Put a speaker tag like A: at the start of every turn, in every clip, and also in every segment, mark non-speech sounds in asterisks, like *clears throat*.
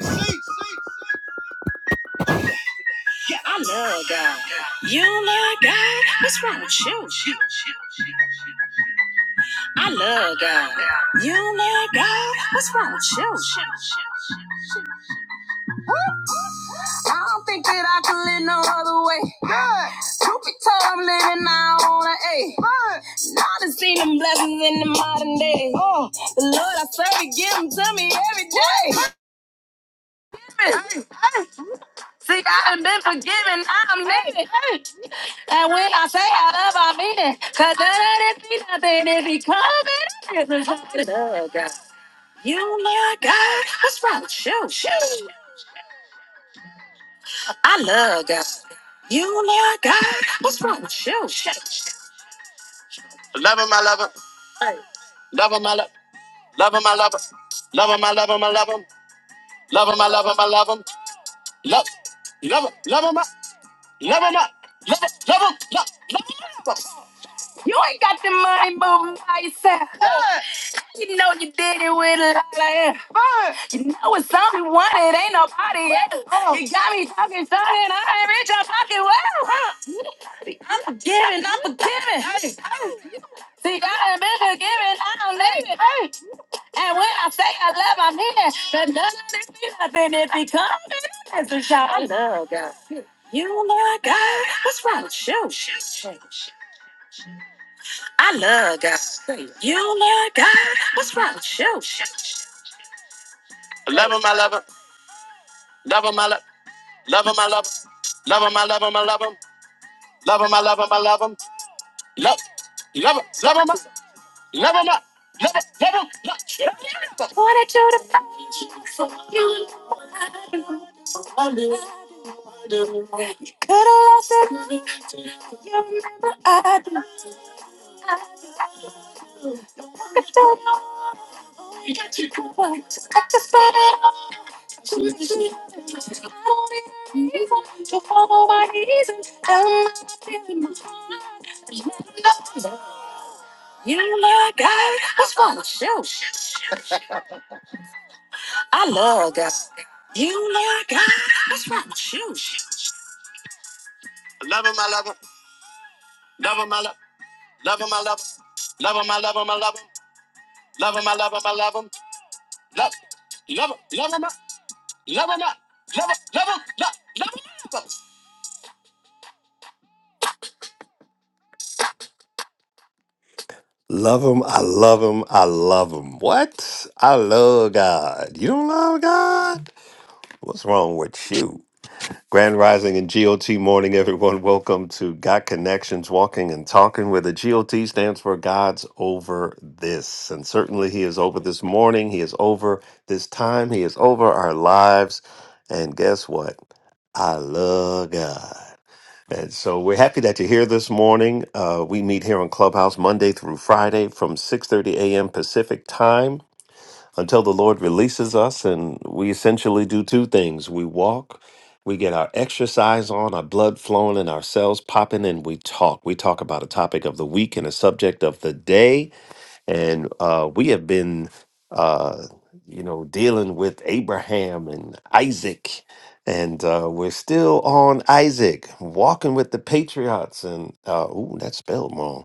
A: Yeah, I love God. You got you. I love God. You love God. What's wrong with you? I don't think that I can live no other way. Truth be told, I'm living now on an A. hey. Now to see them blessings in the modern day. Oh, the Lord I serve, He give them to me every day. Hey. hey. See, I have been forgiven. I'm needed. And when I say I love, I mean it. Cause that ain't be nothing if he coming. I love God. You love God. What's wrong with you? I love God. You love God. What's wrong with you? Love him, I love him. Hey. Love him, I love Love him, I love him. Love him, I love him, I love him. Love him, I love him, I love him. Love, love him, love him, I love him, I love him, love, love him, love, love him. You ain't got the money, but by yourself. Good. You know you did it with a lot of air. Good. You know it's only one, it ain't nobody else. Oh. You got me talking short and I ain't rich, I'm talking well. Huh. Giving, I'm forgiving. Hey. See, I ain't been forgiving, I don't need it. Hey. And when I say I love, I mean it. But none of this be nothing if he comes in and it's a shot. I love God. You love God. What's wrong with you? I love God. Say, You love God. What's wrong with you? Love him, I love him. Love him, I love Love him, I love him. Love him, I love him, I love him. Love him, I love him, I love him. Love, love him, love him, I- love him, I- love him, love him. Love him. Wanted you to find, could have lost it, but I didn't. Look at you, I just don't know. Just got to out. I don't even need to follow my reasons. Um, You love God. What's wrong with you? I love God. You, Lord God. What's wrong with you? Love him, I love him. Love him, I love him. Love him, I love him. Love him, I love him, I love him. Love him, I love him, I love him. Love, love him, love him, I- love him, I- love him, love him, love, love him. love him. Love him, I love him, I love him. What? I love God. You don't love God? What's wrong with you? Grand Rising and GOT morning, everyone. Welcome to Got Connections Walking and Talking, where the GOT stands for God's Over This. And certainly, He is over this morning. He is over this time. He is over our lives. And guess what? I love God. And so we're happy that you're here this morning. Uh, we meet here on Clubhouse Monday through Friday from 6:30 a.m. Pacific time until the Lord releases us. And we essentially do two things we walk, we get our exercise on, our blood flowing, and our cells popping, and we talk. We talk about a topic of the week and a subject of the day. And uh, we have been, uh, you know, dealing with Abraham and Isaac. And uh, we're still on Isaac, walking with the patriots. And, uh, ooh, that's spelled wrong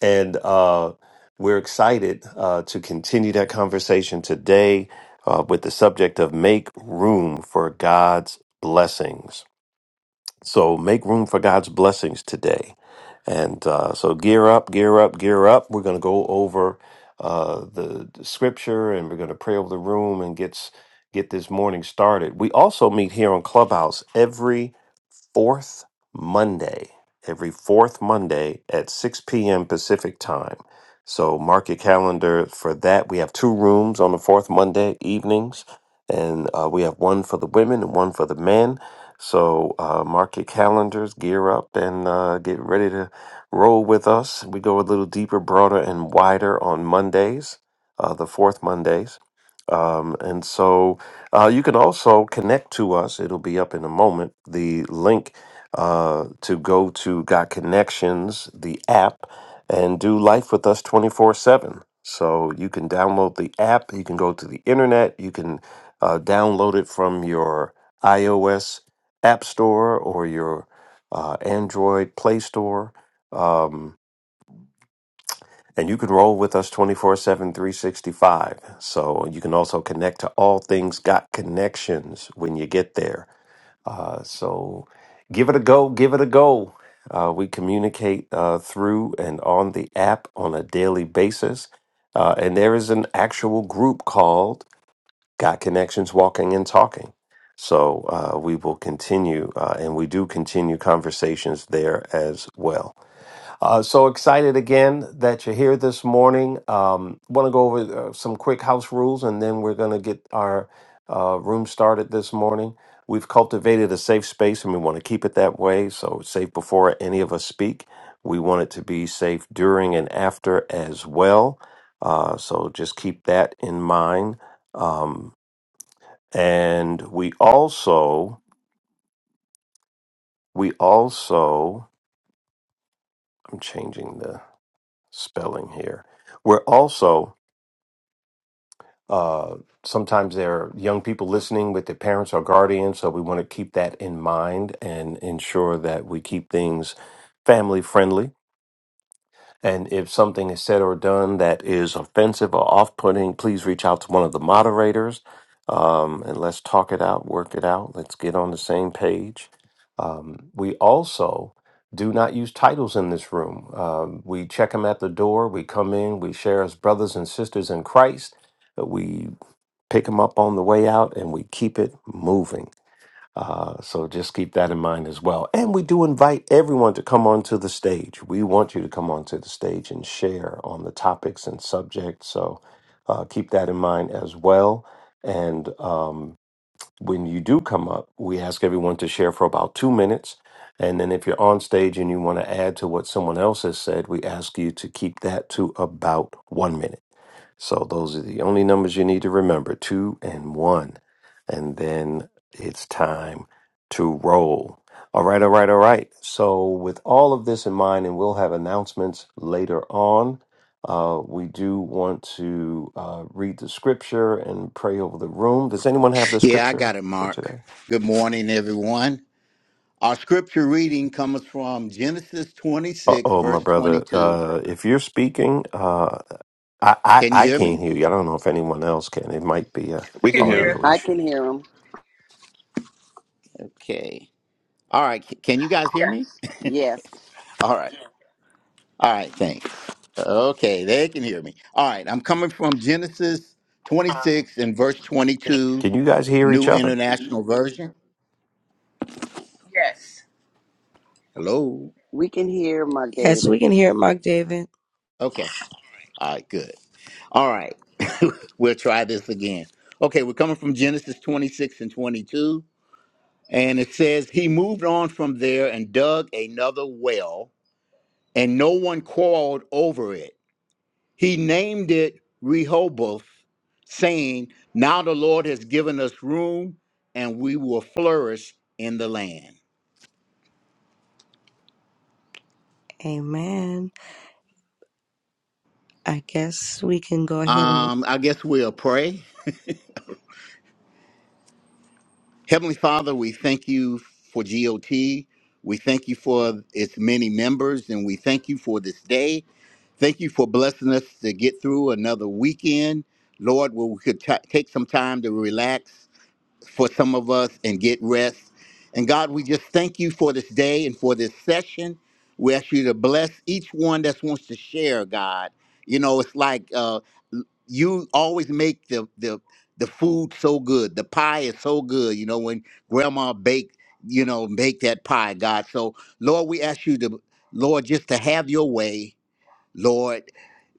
A: and uh, we're excited uh, to continue that conversation today uh, with the subject of make room for God's blessings. So, make room for God's blessings today. And uh, so, gear up, gear up, gear up. We're going to go over uh, the, the scripture and we're going to pray over the room and get, s- get this morning started. We also meet here on Clubhouse every fourth Monday, every fourth Monday at 6 p.m. Pacific time. So mark your calendar for that. We have two rooms on the fourth Monday evenings, and uh, we have one for the women and one for the men. So uh, mark your calendars, gear up, and uh, get ready to roll with us. We go a little deeper, broader, and wider on Mondays, uh, the fourth Mondays. Um, and so uh, you can also connect to us. It'll be up in a moment. The link uh, to go to Got Connections, the app, and do life with us 24 7. So you can download the app. You can go to the internet. You can uh, download it from your iOS App Store or your uh, Android Play Store. Um, and you can roll with us twenty four seven three sixty five. So you can also connect to All Things Got Connections when you get there. Uh, so give it a go. Give it a go. Uh, we communicate uh, through and on the app on a daily basis. Uh, and there is an actual group called Got Connections Walking and Talking. So uh, we will continue, uh, and we do continue conversations there as well. Uh, so excited again that you're here this morning. Um, Want to go over uh, some quick house rules and then we're going to get our uh, room started this morning. We've cultivated a safe space and we want to keep it that way. So, it's safe before any of us speak. We want it to be safe during and after as well. Uh, so, just keep that in mind. Um, and we also, we also, I'm changing the spelling here. We're also, Uh, sometimes there are young people listening with their parents or guardians, so we want to keep that in mind and ensure that we keep things family friendly and if something is said or done that is offensive or off putting, please reach out to one of the moderators um, and let's talk it out, work it out. Let's get on the same page. Um, we also do not use titles in this room. Um, we check them at the door. We come in, we share as brothers and sisters in Christ. We pick them up on the way out and we keep it moving uh, so just keep that in mind as well. And we do invite everyone to come onto the stage. We want you to come onto the stage and share on the topics and subjects. So uh, keep that in mind as well. And um, when you do come up, we ask everyone to share for about two minutes. And then if you're on stage and you want to add to what someone else has said, we ask you to keep that to about one minute. So those are the only numbers you need to remember two and one. And then it's time to roll. All right, all right, all right. So, with all of this in mind, and we'll have announcements later on, uh, we do want to uh, read the scripture and pray over the room. Does anyone have the
B: Yeah, I got
A: scripture
B: it,
A: for
B: Mark.
A: today?
B: Good morning, everyone. Our scripture reading comes from Genesis
A: Uh
B: 26,
A: oh, my
B: verse
A: brother.
B: 22.
A: Uh, if you're speaking, uh, I, I,
B: Can you
A: I
B: hear
A: can't
B: me?
A: hear you. I don't know if anyone else can. It might be a
C: We can
D: can
C: hear
A: audio
C: him.
D: hear.
E: I
A: issue.
E: can hear him.
B: Okay. All right. c- Can you guys hear me?
D: Yes.
E: Yes,
B: All right. All right. Thanks. Okay. They can hear me. All right. I'm coming from Genesis 26 and verse 22,
A: Can you guys hear each
B: New
A: other?
B: International Version.
D: Yes.
B: Hello.
E: we can hear Mark
F: Yes,
E: David.
F: we can hear it, Mark David.
B: Okay. All right. Good. All right. *laughs* we'll try this again. Okay. We're coming from Genesis 26 and 22. And it says, He moved on from there and dug another well, and no one quarreled over it. He named it Rehoboth, saying, Now the Lord has given us room, and we will flourish in the land.
F: Amen. I guess we can go ahead and.
B: Um, I guess we'll pray. Heavenly Father, we thank you for GOT. We thank you for its many members, and we thank you for this day. Thank you for blessing us to get through another weekend. Lord, where we could ta take some time to relax for some of us and get rest. And God, we just thank you for this day and for this session. We ask you to bless each one that wants to share, God. You know, it's like uh, you always make the, the, the food so good. The pie is so good, you know, when grandma baked, you know, make that pie, God. So, Lord, we ask you to, Lord, just to have your way Lord,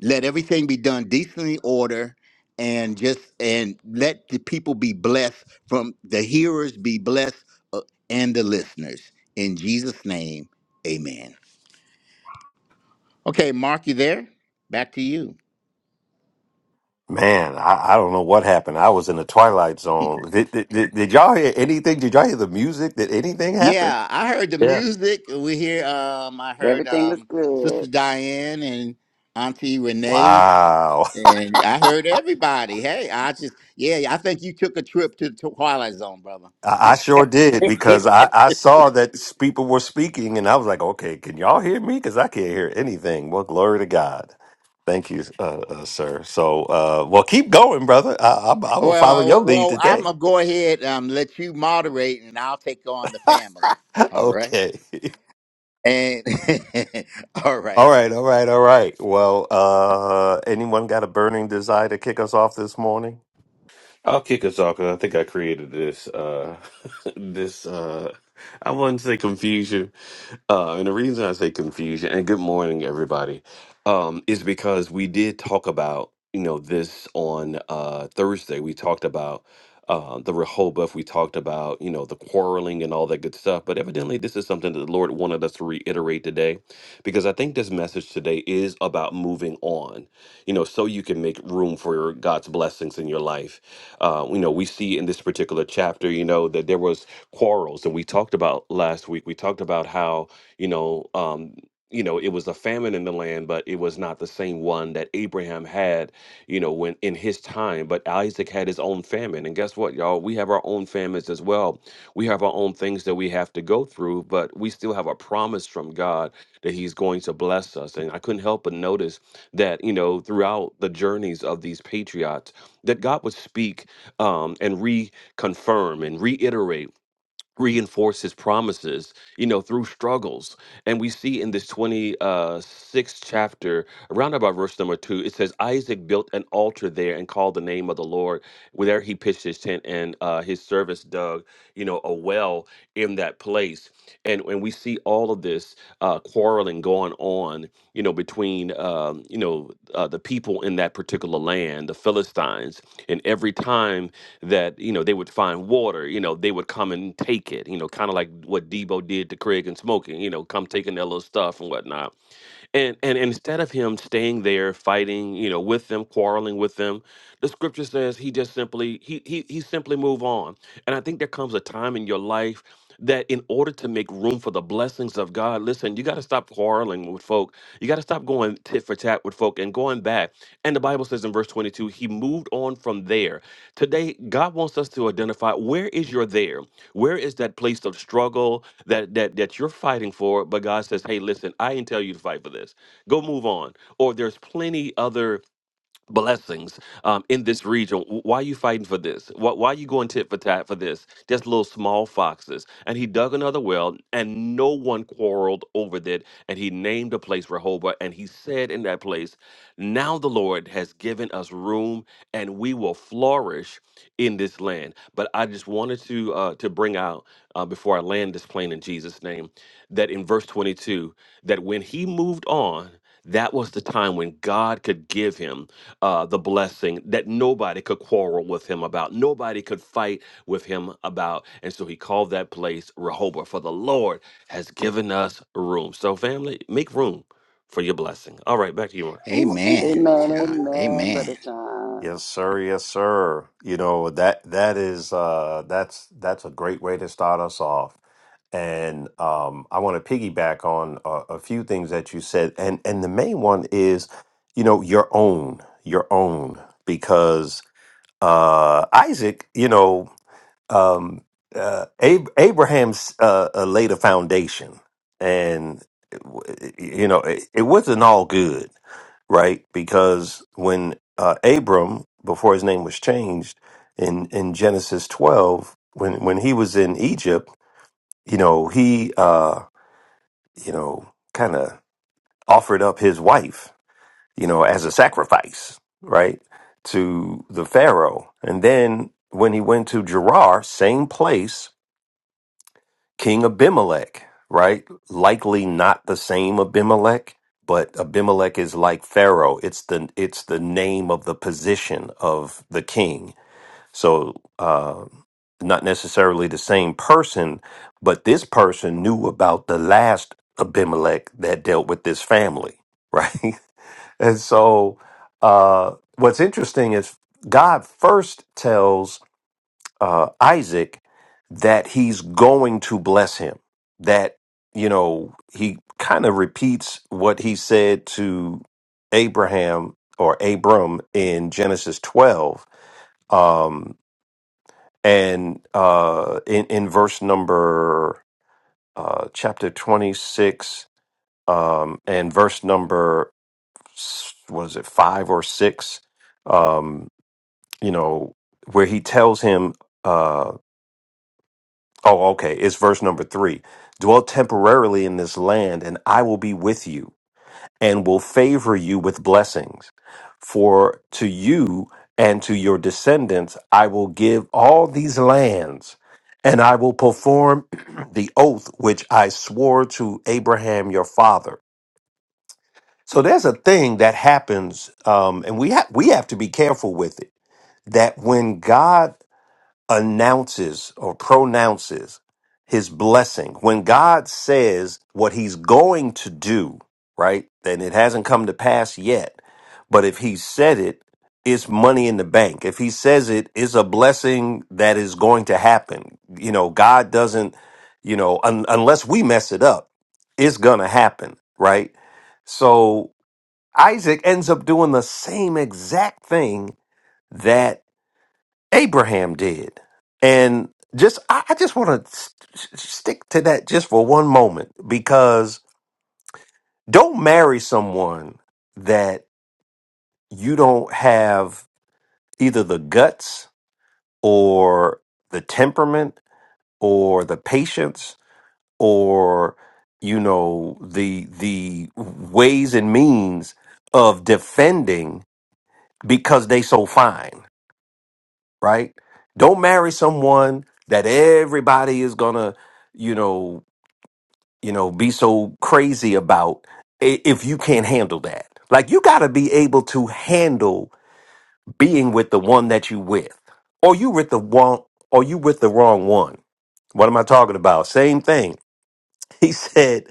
B: let everything be done decently order and just and let the people be blessed from the hearers be blessed uh, and the listeners. In Jesus' name, amen. Okay, Mark, you there? Back to you.
A: Man, I, I don't know what happened. I was in the twilight zone. Did, did, did, did y'all hear anything? Did y'all hear the music? Did anything happen?
B: Yeah, I heard the
C: Yeah.
B: music. We hear um I heard
E: Everything was
B: um
E: good.
B: Sister Diane and Auntie Renee
A: Wow.
B: and I heard everybody. Hey, I just yeah, I think you took a trip to the Twilight Zone, brother.
A: I, I sure did because I, I saw that s- people were speaking and I was like, okay, can y'all hear me? Because I can't hear anything. Well, glory to God. Thank you, uh, uh, sir. So, uh, well, keep going, brother. I, I'm, I'm going to follow your
B: Well,
A: lead
B: well, I'm
A: today.
B: gonna go ahead um let you moderate, and I'll take on the family.
A: *laughs*
B: All right.
A: okay. *laughs*
B: And *laughs* all
A: All
B: right.
A: right. All right. All right. Well, uh, anyone got a burning desire to kick us off this morning?
C: I'll kick us off 'cause I think I created this. Uh, *laughs* this uh, I wouldn't say confusion, uh, and the reason I say confusion and good morning everybody, um, is because we did talk about you know this on uh, Thursday. We talked about uh, the Rehoboth. We talked about you know the quarreling and all that good stuff. But evidently, this is something that the Lord wanted us to reiterate today, because I think this message today is about moving on you know, so you can make room for God's blessings in your life. Uh, you know, we see in this particular chapter, you know, that there was quarrels, and we talked about last week. We talked about how, you know, um, you know, it was a famine in the land, but it was not the same one that Abraham had, you know, when in his time. But Isaac had his own famine. And guess what, y'all? We have our own famines as well. We have our own things that we have to go through, but we still have a promise from God that He's going to bless us. And I couldn't help but notice that you know throughout the journeys of these patriots that god would speak um, and reconfirm and reiterate reinforce his promises you know through struggles and we see in this 26th chapter around about verse number two it says isaac built an altar there and called the name of the lord where there he pitched his tent and uh, his servants dug you know a well in that place and when we see all of this uh, quarreling going on you know between um, you know uh, the people in that particular land the philistines and every time that you know they would find water. You know they would come and take it. You know, kind of like what Debo did to Craig and Smoking. You know, come taking their little stuff and whatnot. And, and and instead of him staying there fighting, you know, with them, quarreling with them, the scripture says he just simply he he he simply move on. And I think there comes a time in your life that in order to make room for the blessings of God, listen, you got to stop quarreling with folk. You got to stop going tit for tat with folk and going back. And the Bible says in verse 22, he moved on from there Today, God wants us to identify where is your there? Where is that place of struggle that that that you're fighting for? But God says, "Hey, listen, I didn't tell you to fight for this. Go move on." Or there's plenty other blessings um, in this region. W- Why are you fighting for this? Why, why are you going tit for tat for this? Just little small foxes. And he dug another well, and no one quarreled over that. And he named the place Rehoboth, and he said in that place, Now the Lord has given us room, and we will flourish in this land. But I just wanted to uh, to bring out uh, before I land this plane in Jesus' name that in verse 22 that when he moved on. That was the time when God could give him uh, the blessing that nobody could quarrel with him about, nobody could fight with him about. And so he called that place Rehoboth, for the Lord has given us room. So, family, make room for your blessing. All right, back to you, Mark.
B: Amen,
E: Amen,
B: John.
E: amen, Brother
B: Amen.
E: Sean.
A: Yes, sir. Yes, sir. You know that that is uh, that's that's a great way to start us off and um, I want to piggyback on a, a few things that you said, and and the main one is, you know, your own, your own, because uh, Isaac, you know, um, uh, Ab- Abraham's uh, uh, laid a foundation, and it w- you know, it, it wasn't all good, right? Because when uh, Abram, before his name was changed, in in Genesis twelve, when when he was in Egypt you know, he, uh, you know, kind of offered up his wife, you know, as a sacrifice, right, to the Pharaoh. And then when he went to Gerar, same place, King Abimelech, right? Likely not the same Abimelech, but Abimelech is like Pharaoh. It's the it's the name of the position of the king So, uh, not necessarily the same person, but this person knew about the last Abimelech that dealt with this family, right? *laughs* and so, uh, what's interesting is God first tells uh, Isaac that he's going to bless him, that, you know, he kind of repeats what he said to Abraham or Abram in Genesis 12. Um, and uh, in in verse number uh, chapter twenty six um, and verse number s- was it five or six, um, you know, where he tells him, uh, oh, okay, it's verse number three, dwell temporarily in this land, and I will be with you. and will favor you with blessings. For to you and to your descendants I will give all these lands, and I will perform *clears throat* the oath which I swore to Abraham your father. So there's a thing that happens, um, and we ha- we have to be careful with it. That when God announces or pronounces his blessing, when God says what he's going to do, right? Then it hasn't come to pass yet. But if he said it, it's money in the bank. If he says it, it's a blessing that is going to happen. You know, God doesn't, you know, un- unless we mess it up, it's going to happen, right? So Isaac ends up doing the same exact thing that Abraham did. And just, I, I just want to st- st- stick to that just for one moment because don't marry someone that you don't have either the guts or the temperament or the patience or you know the the ways and means of defending because they so fine right? Don't marry someone that everybody is gonna, you know, you know, be so crazy about i- if you can't handle that. Like you gotta be able to handle being with the one that you with. Or you with the one or you with the wrong one. What am I talking about? Same thing. *laughs* He said,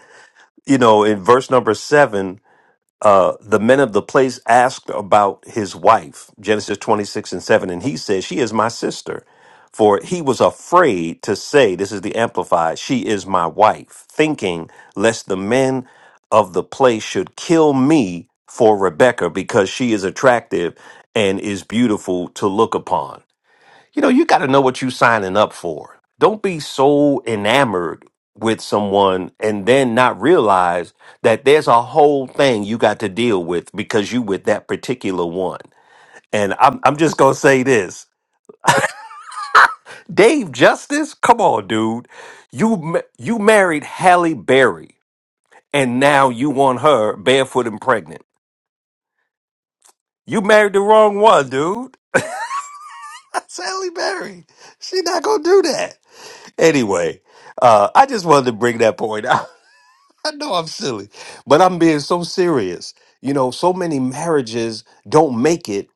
A: you know, in verse number seven, uh, the men of the place asked about his wife, Genesis 26 and 7, and he said, She is my sister. For he was afraid to say, This is the Amplified, she is my wife, thinking lest the men of the place should kill me for Rebecca because she is attractive and is beautiful to look upon you know, you got to know what you're signing up for. Don't be so enamored with someone and then not realize that there's a whole thing you got to deal with because you with that particular one. And I'm I'm just gonna say this, Dave Justice, come on, dude, you ma- you married Halle Berry, and now you want her barefoot and pregnant. You married the wrong one, dude. *laughs* That's Halle Berry. She not gonna do that anyway. Uh, I just wanted to bring that point *laughs* out. I know I'm silly, but I'm being so serious. You know, so many marriages don't make it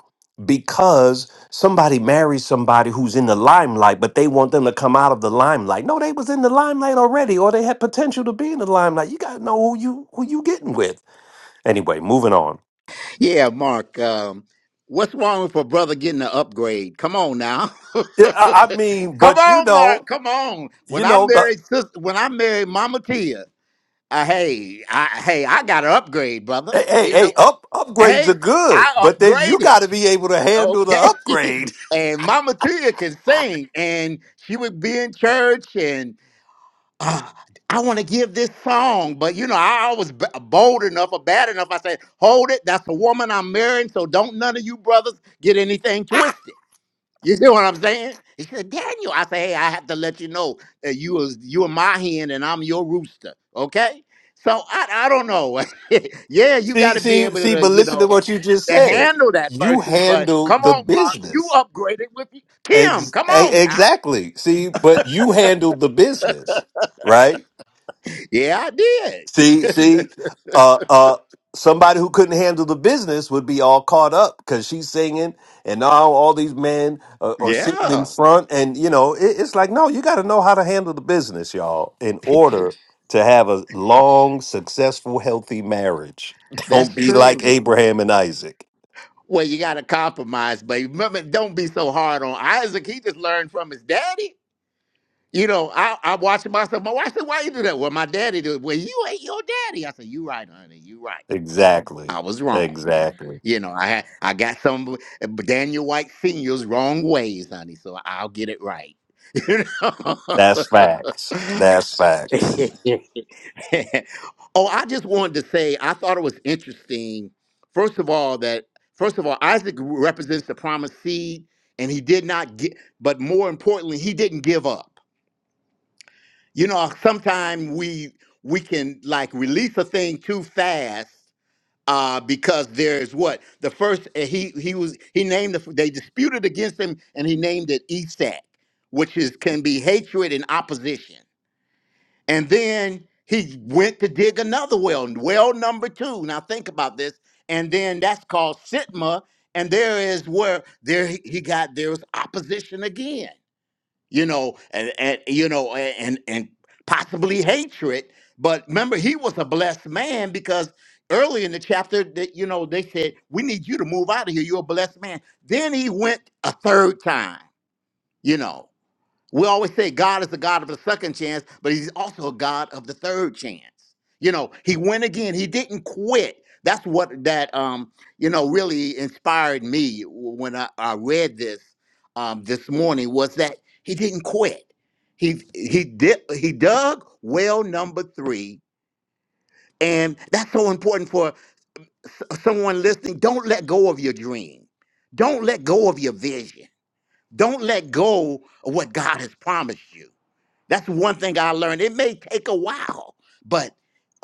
A: because somebody marries somebody who's in the limelight, but they want them to come out of the limelight. No, they was in the limelight already, or they had potential to be in the limelight. You gotta know who you who you getting with. Anyway, moving on.
B: Yeah, Mark. Um, what's wrong with a brother getting an upgrade? Come on now.
A: Yeah, I, I mean,
B: *laughs* Come
A: but you
B: on, Mark.
A: know,
B: Come on.
A: you
B: When I
A: know the.
B: married sister, when I married Mama Tia, uh, hey, I, hey, I got an upgrade, brother.
A: Hey, hey,
B: You
A: hey,
B: know,
A: up upgrades
B: hey,
A: are good,
B: I
A: but then you
B: upgraded.
A: got to be able to handle the
B: Okay.
A: upgrade.
B: *laughs* and Mama Tia can sing, and she would be in church, and uh, I want to give this song, but you know, I was b- uh, bold enough or bad enough. I said, "Hold it, that's a woman I'm marrying, so don't none of you brothers get anything twisted." You see what I'm saying? He said, Daniel, I say, hey, I have to let you know that you was you are my hen and I'm your rooster. Okay? So I I don't know. *laughs* yeah, you
A: See,
B: gotta be
A: see,
B: able
A: see,
B: to,
A: but
B: you
A: listen to
B: know,
A: what you just
B: to
A: said.
B: handle that
A: You
B: person, but
A: handle
B: come
A: the
B: on, Mark, you
A: business.
B: upgraded with you. Kim.
A: Ex-
B: Come
A: e-
B: on now. *laughs*
A: exactly. See, but you handle the business, right?
B: Yeah, I did.
A: See, see, uh, uh, somebody who couldn't handle the business would be all caught up because she's singing and now all these men are, are sitting in
B: Yeah,
A: front and, you know, it, it's like, no, you got to know how to handle the business, y'all, in order to have a long, successful, healthy marriage. Don't
B: that's
A: be like
B: true.
A: Abraham and Isaac.
B: Well, you gotta compromise, but remember, don't be so hard on Isaac. He just learned from his daddy. You know, I, I'm watching myself. My wife said, "Why you do that?" Well, my daddy did. Well, you ain't your daddy. I said, "You right, honey. You right.
A: Exactly.
B: I was wrong.
A: Exactly.
B: You know, I had I got some of Daniel White Senior's wrong ways, honey. So I'll get it right." *laughs* You know.
A: That's facts. That's facts.
B: *laughs* oh, I just wanted to say I thought it was interesting. First of all, that first of all Isaac represents the promised seed, and he did not get. But more importantly, he didn't give up you know sometimes we we can like release a thing too fast uh because there's what the first uh, he he was he named the, they disputed against him and he named it esac which is can be hatred and opposition and then he went to dig another well well number two now think about this and then that's called sitma and there is where there he he got there was opposition again you know, and, and you know, and and possibly hatred. But remember, he was a blessed man because early in the chapter, that you know, they said, "We need you to move out of here. You're a blessed man." Then he went a third time, you know. We always say God is the God of the second chance, but He's also a God of the third chance. You know, He went again. He didn't quit. That's what that um you know really inspired me when I, I read this um this morning was that He didn't quit. He he did he dug well number three, and that's so important for s- someone listening. Don't let go of your dream. Don't let go of your vision. Don't let go of what God has promised you that's one thing I learned. It may take a while, but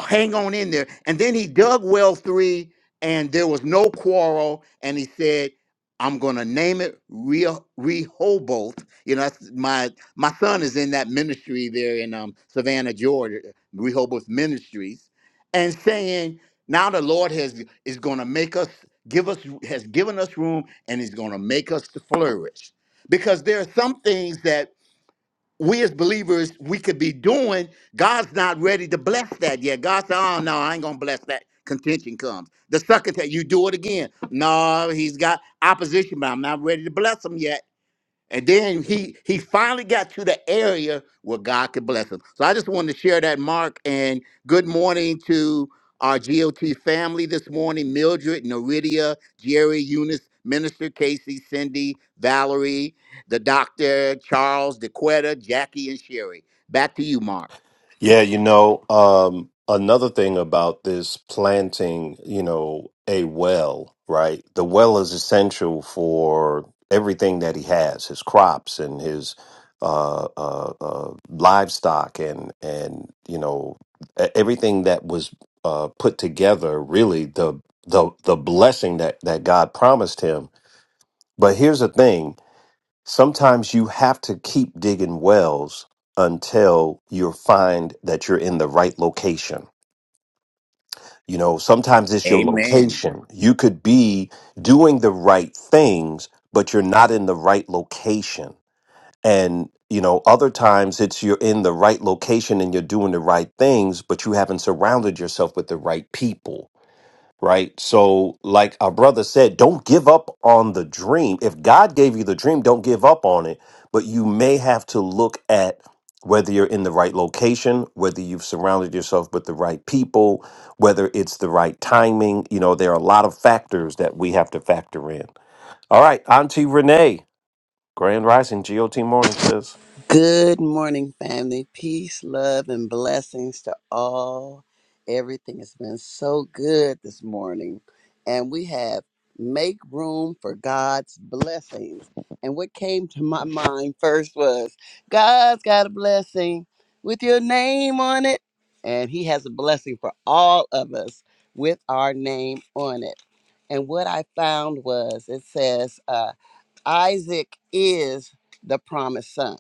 B: hang on in there. And then he dug well three, and there was no quarrel. And he said, "I'm going to name it Re- Rehoboth." You know, that's my my son is in that ministry there in um, Savannah, Georgia, Rehoboth Ministries, and saying, "Now the Lord has is going to make us." Give us has given us room and is going to make us to flourish because there are some things that we as believers we could be doing god's not ready to bless that yet god said oh no i ain't gonna bless that contention comes the second time you do it again no he's got opposition but i'm not ready to bless him yet and then he he finally got to the area where God could bless him. So I just wanted to share that, Mark. And good morning to our GOT family this morning: Mildred, Noridia, Jerry, Eunice, Minister Casey, Cindy, Valerie, the Doctor, Charles, DeQuetta, Jackie, and Sherry. Back to you, Mark.
A: Yeah, you know, um, another thing about this planting, you know, a well, right? The well is essential for everything that he has, his crops and his uh, uh, uh, livestock and and you know e- everything that was uh, put together. Really, the the the blessing that that God promised him. But here's the thing. Sometimes you have to keep digging wells until you find that you're in the right location. You know, sometimes it's your
B: Amen.
A: location. You could be doing the right things, but you're not in the right location. And, you know, other times it's you're in the right location and you're doing the right things, but you haven't surrounded yourself with the right people right? So, like our brother said, don't give up on the dream. If God gave you the dream, don't give up on it. But you may have to look at whether you're in the right location, whether you've surrounded yourself with the right people, whether it's the right timing. You know, there are a lot of factors that we have to factor in. All right, Auntie Renee, Grand Rising, GOT Morning says.
E: Good morning, family. Peace, love, and blessings to all. Everything has been so good this morning. And we have make room for God's blessings. And what came to my mind first was God's got a blessing with your name on it. And He has a blessing for all of us with our name on it. And what I found was it says, uh, Isaac is the promised son.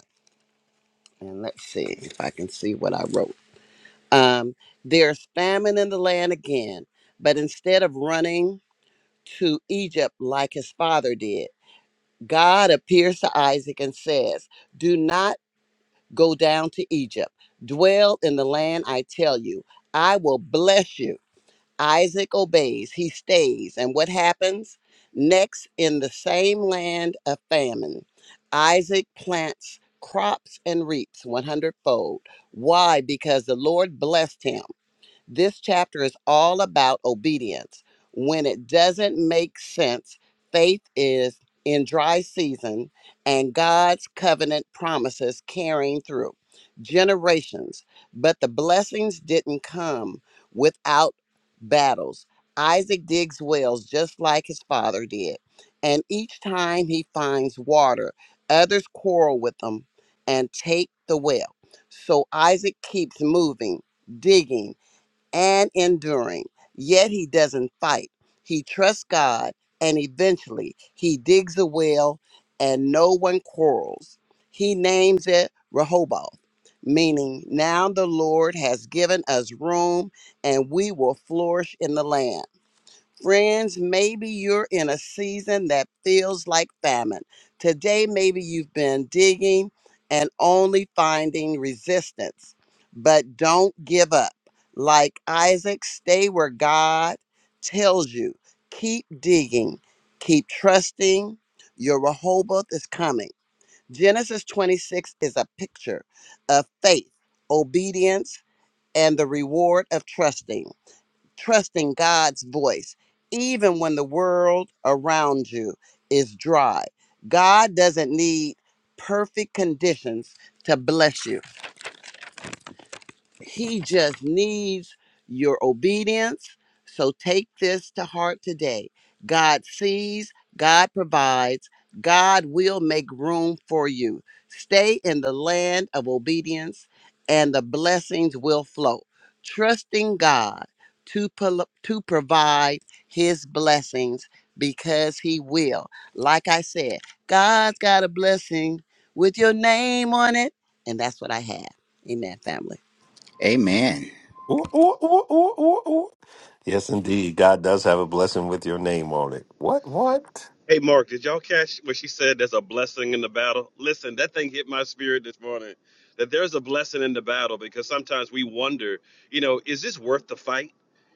E: And let's see if I can see what I wrote. Um, there's famine in the land again, but instead of running to Egypt like his father did, God appears to Isaac and says, Do not go down to Egypt. Dwell in the land I tell you. I will bless you Isaac obeys, he stays. And what happens? Next, in the same land of famine, Isaac plants crops and reaps one hundredfold. Why? Because the Lord blessed him. This chapter is all about obedience. When it doesn't make sense, faith is in dry season and God's covenant promises carrying through generations. But the blessings didn't come without battles. Isaac digs wells just like his father did. And each time he finds water, others quarrel with him and take the well. So Isaac keeps moving, digging and enduring. Yet he doesn't fight. He trusts God, and eventually he digs a well, and no one quarrels. He names it Rehoboth, meaning now the Lord has given us room, and we will flourish in the land. Friends, maybe you're in a season that feels like famine. Today, maybe you've been digging and only finding resistance. But don't give up. Like Isaac, stay where God tells you. Keep digging, keep trusting. Your Rehoboth is coming. Genesis 26 is a picture of faith, obedience, and the reward of trusting trusting God's voice, even when the world around you is dry. God doesn't need perfect conditions to bless you. He just needs your obedience. So take this to heart today. God sees, God provides, God will make room for you. Stay in the land of obedience, and the blessings will flow. Trusting God to, pol- to provide his blessings because he will. Like I said, God's got a blessing with your name on it, and that's what I have. Amen, family.
B: Amen.
A: Ooh, ooh, ooh, ooh, ooh, ooh. Yes, indeed. God does have a blessing with your name on it. What? What?
C: Hey, Mark, did y'all catch what she said? There's a blessing in the battle. Listen, that thing hit my spirit this morning that there's a blessing in the battle because sometimes we wonder, you know, is this worth the fight?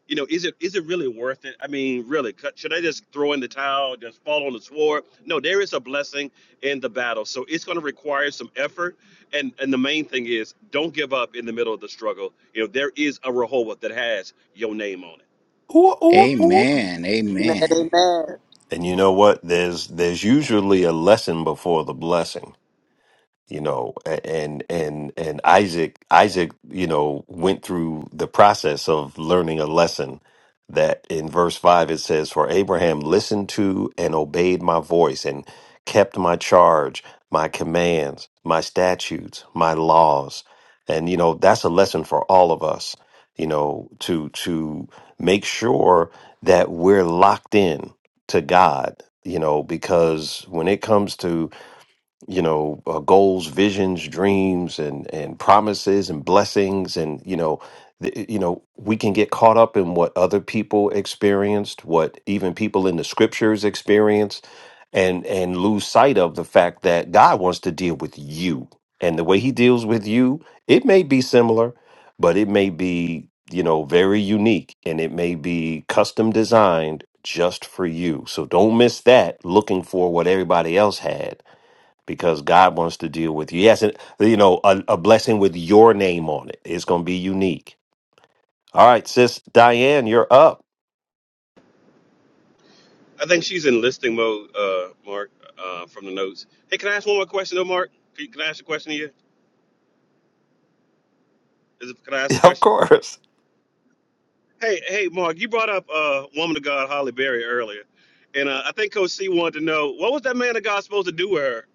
C: You know, is it is it really worth it? I mean, really, cut- should I just throw in the towel, just fall on the sword? No, there is a blessing in the battle. So it's going to require some effort. And and the main thing is don't give up in the middle of the struggle. You know, there is a Rehoboth that has your name on it.
A: Ooh, ooh, ooh.
B: Amen.
E: Amen.
B: Amen.
E: Amen.
A: And you know what? There's there's usually a lesson before the blessing you know and and and Isaac Isaac you know went through the process of learning a lesson that in verse 5 it says for Abraham listened to and obeyed my voice and kept my charge my commands my statutes my laws and you know that's a lesson for all of us you know to to make sure that we're locked in to God you know because when it comes to you know uh, goals visions dreams and and promises and blessings and you know the, eh, you know we can get caught up in what other people experienced what even people in the scriptures experienced and and lose sight of the fact that God wants to deal with you and the way he deals with you it may be similar but it may be you know very unique and it may be custom designed just for you so don't miss that looking for what everybody else had because God wants to deal with you. Yes, and you know, a, a blessing with your name on it. It's going to be unique. All right, sis Diane, you're up. *laughs*
C: I think she's in listing mode, uh, Mark, uh, from the notes. Hey, can I ask one more question, though, Mark? Can, can I ask a question to you? Is it, can I ask a
A: Of
C: question?
A: course.
C: Hey, hey, Mark, you brought up uh, woman of God Holly Berry earlier, and uh, I think Coach C wanted to know what was that man of God supposed to do with her.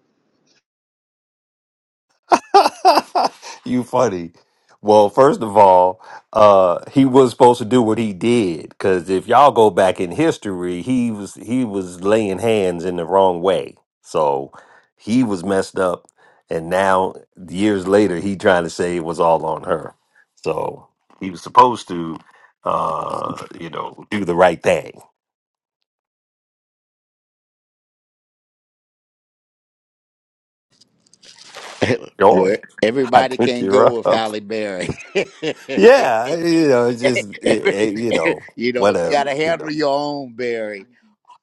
A: *laughs* you funny. Well, first of all, uh, he was supposed to do what he did because if y'all go back in history, he was he was laying hands in the wrong way, so he was messed up, and now years later, he trying to say it was all on her. So he was supposed to, uh, you know, do the right thing.
B: *laughs* Where
A: Joy, *laughs* I
B: everybody
A: took
B: can
A: you
B: go with
A: up. *laughs*
B: Halle Berry. *laughs*
A: Yeah, you know, it's
B: *laughs*
A: just it, it, you know,
B: you know, you got
A: whatever,
B: to
A: you know.
B: handle your own, Barry.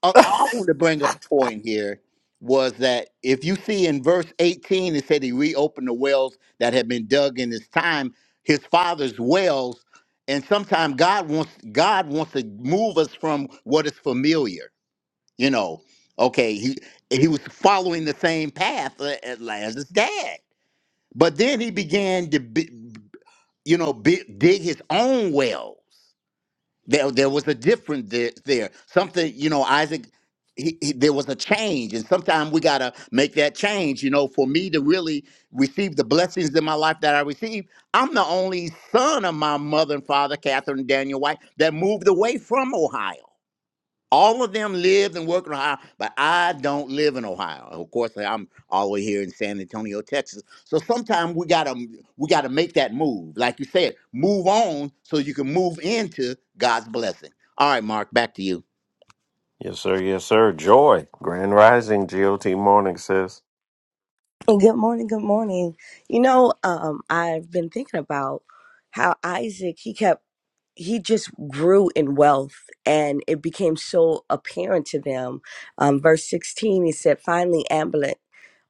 B: I, I want to bring up a point here was that if you see in verse 18, it said he reopened the wells that had been dug in his time, his father's wells. And sometimes God wants God wants to move us from what is familiar. You know, okay, he he was following the same path a- as Lazarus' dad, but then he began to, be, you know, bi- dig his own wells there, there was a difference there, there. Something, you know, Isaac, he, he, there was a change. And sometimes we got to make that change, you know, for me to really receive the blessings in my life that I received. I'm the only son of my mother and father, Catherine and Daniel White, that moved away from Ohio. All of them live and work in Ohio, but I don't live in Ohio. Of course, I'm all the way here in San Antonio, Texas. So sometimes we gotta we gotta make that move, like you said, move on so you can move into God's blessing. All right, Mark, back to you.
A: Yes, sir. Yes, sir. Joy. Grand Rising GOT morning, sis.
F: Oh, Good morning. Good morning. You know, um, I've been thinking about how Isaac, he kept, he just grew in wealth and it became so apparent to them. Um, verse 16, he said, finally, Amalek.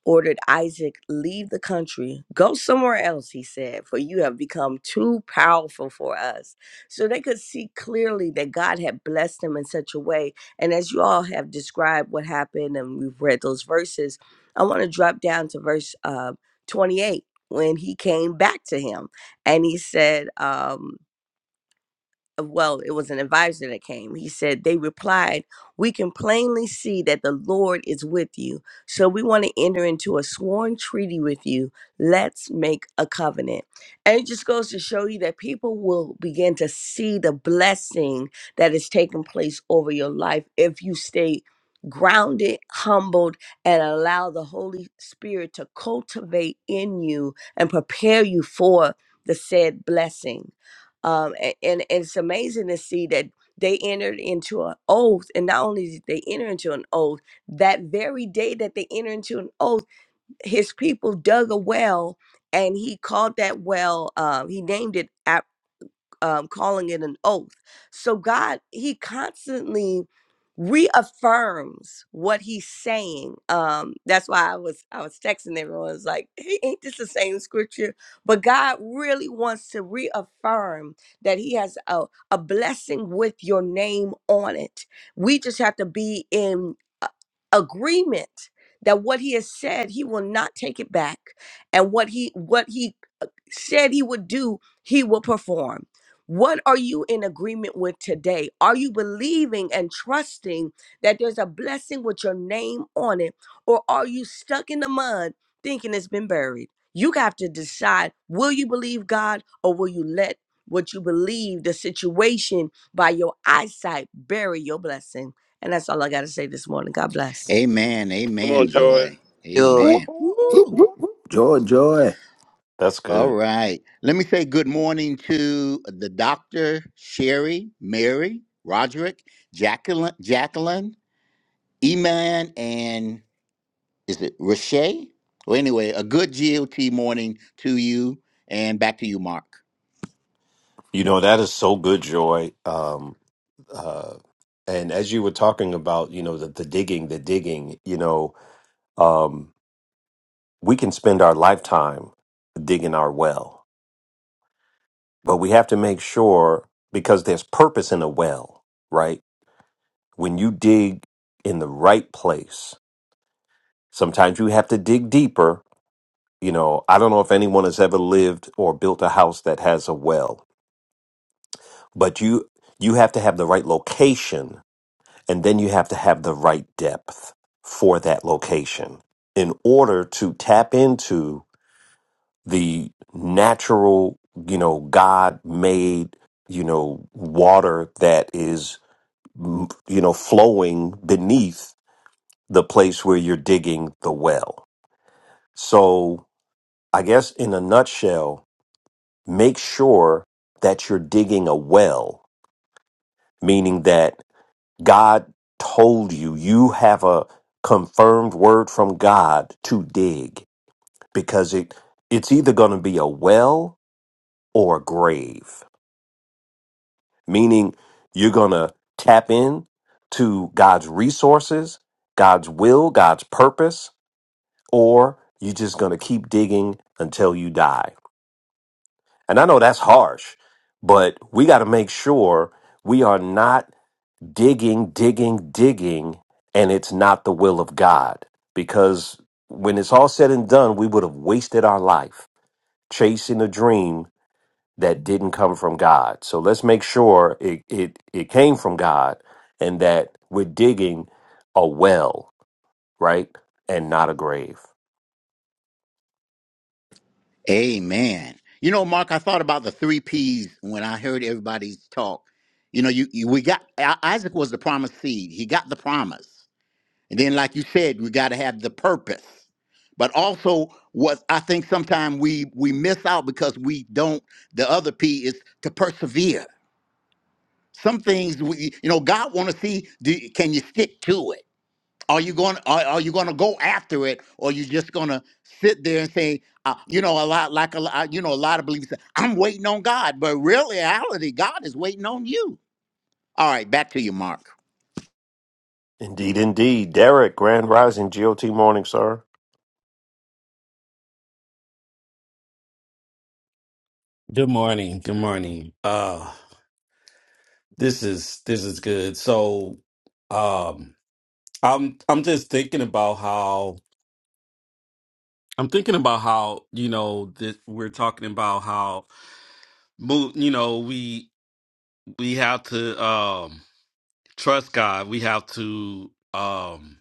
F: ordered Isaac, Leave the country, go somewhere else, he said, for you have become too powerful for us. So they could see clearly that God had blessed them in such a way. And as you all have described what happened, and we've read those verses, I want to drop down to verse uh, 28 when he came back to him and he said, um, uh, well, it was an advisor that came. He said, They replied, We can plainly see that the Lord is with you. So we want to enter into a sworn treaty with you. Let's make a covenant. And it just goes to show you that people will begin to see the blessing that is taking place over your life if you stay grounded, humbled, and allow the Holy Spirit to cultivate in you and prepare you for the said blessing um, a- and, and it's amazing to see that they entered into an oath and not only did they enter into an oath that very day that they entered into an oath his people dug a well and he called that well um, he named it um, calling it an oath. So God, He constantly reaffirms what He's saying. Um, that's why I was I was texting everyone. It's like, hey, ain't this the same scripture? But God really wants to reaffirm that He has a, a blessing with your name on it. We just have to be in a- agreement that what he has said he will not take it back and what he what he said he would do, he will perform. What are you in agreement with today? Are you believing and trusting that there's a blessing with your name on it? Or are you stuck in the mud thinking it's been buried? You have to decide will you believe God or will you let what you believe, the situation by your eyesight, bury your blessing? And that's all I got to say this morning. God bless.
B: Amen.
C: Come on,
B: Amen,
C: Joy.
B: Joy.
E: Joy.
A: Ooh,
B: Amen.
A: ooh, ooh,
G: Whoop,
B: Woo.
G: whoop,
A: ooh.
G: whoop. Joy, joy.
A: That's
B: All
A: good.
B: right. Let me say good morning to the doctor, Sherry, Mary, Roderick, Jacqueline, Jacqueline, Eman, and is it Riche? Well, anyway, a good GOT morning to you and back to you, Mark.
A: You know, that is so good, Joy. Um, uh, and as you were talking about, you know, the, the digging, the digging, you know, um, we can spend our lifetime digging our well, but we have to make sure because there's purpose in a well, right? When you dig in the right place, sometimes you have to dig deeper You know, I don't know if anyone has ever lived or built a house that has a well, but you you have to have the right location and then you have to have the right depth for that location in order to tap into the natural, you know, God-made, you know, water that is mm, you know flowing beneath the place where you're digging the well. So, I guess in a nutshell, make sure that you're digging a well, meaning that God told you, you have a confirmed word from God to dig because it it's either going to be a well or a grave, meaning you're going to tap in to God's resources, God's will, God's purpose, or you're just going to keep digging until you die. And I know that's harsh, but we got to make sure we are not digging, digging, digging, and it's not the will of God. Because when it's all said and done, we would have wasted our life chasing a dream that didn't come from God. So let's make sure it, it, it came from God and that we're digging a well, right? And not a grave.
B: Amen. You know, Mark, I thought about the three P's when I heard everybody's talk. You know, you, you we got I- Isaac was the promised seed. He got the promise, and then, like you said, we got to have the purpose. But also, what I think sometimes we we miss out because we don't. The other P is to persevere. Some things we, you know, God want to see. Do, can you stick to it? Are you going? Are, are you going to go after it, or you just going to sit there and say, uh, you know, a lot like a lot, you know, a lot of believers. say, I'm waiting on God, but real reality, God is waiting on you. All right, back to you, Mark.
A: Indeed, indeed. Derek, Grand Rising, GOT Morning, sir.
H: Good morning. Good morning. Uh this is this is good. So um I'm I'm just thinking about how I'm thinking about how, you know, that we're talking about how mo- you know, we we have to um trust God. We have to um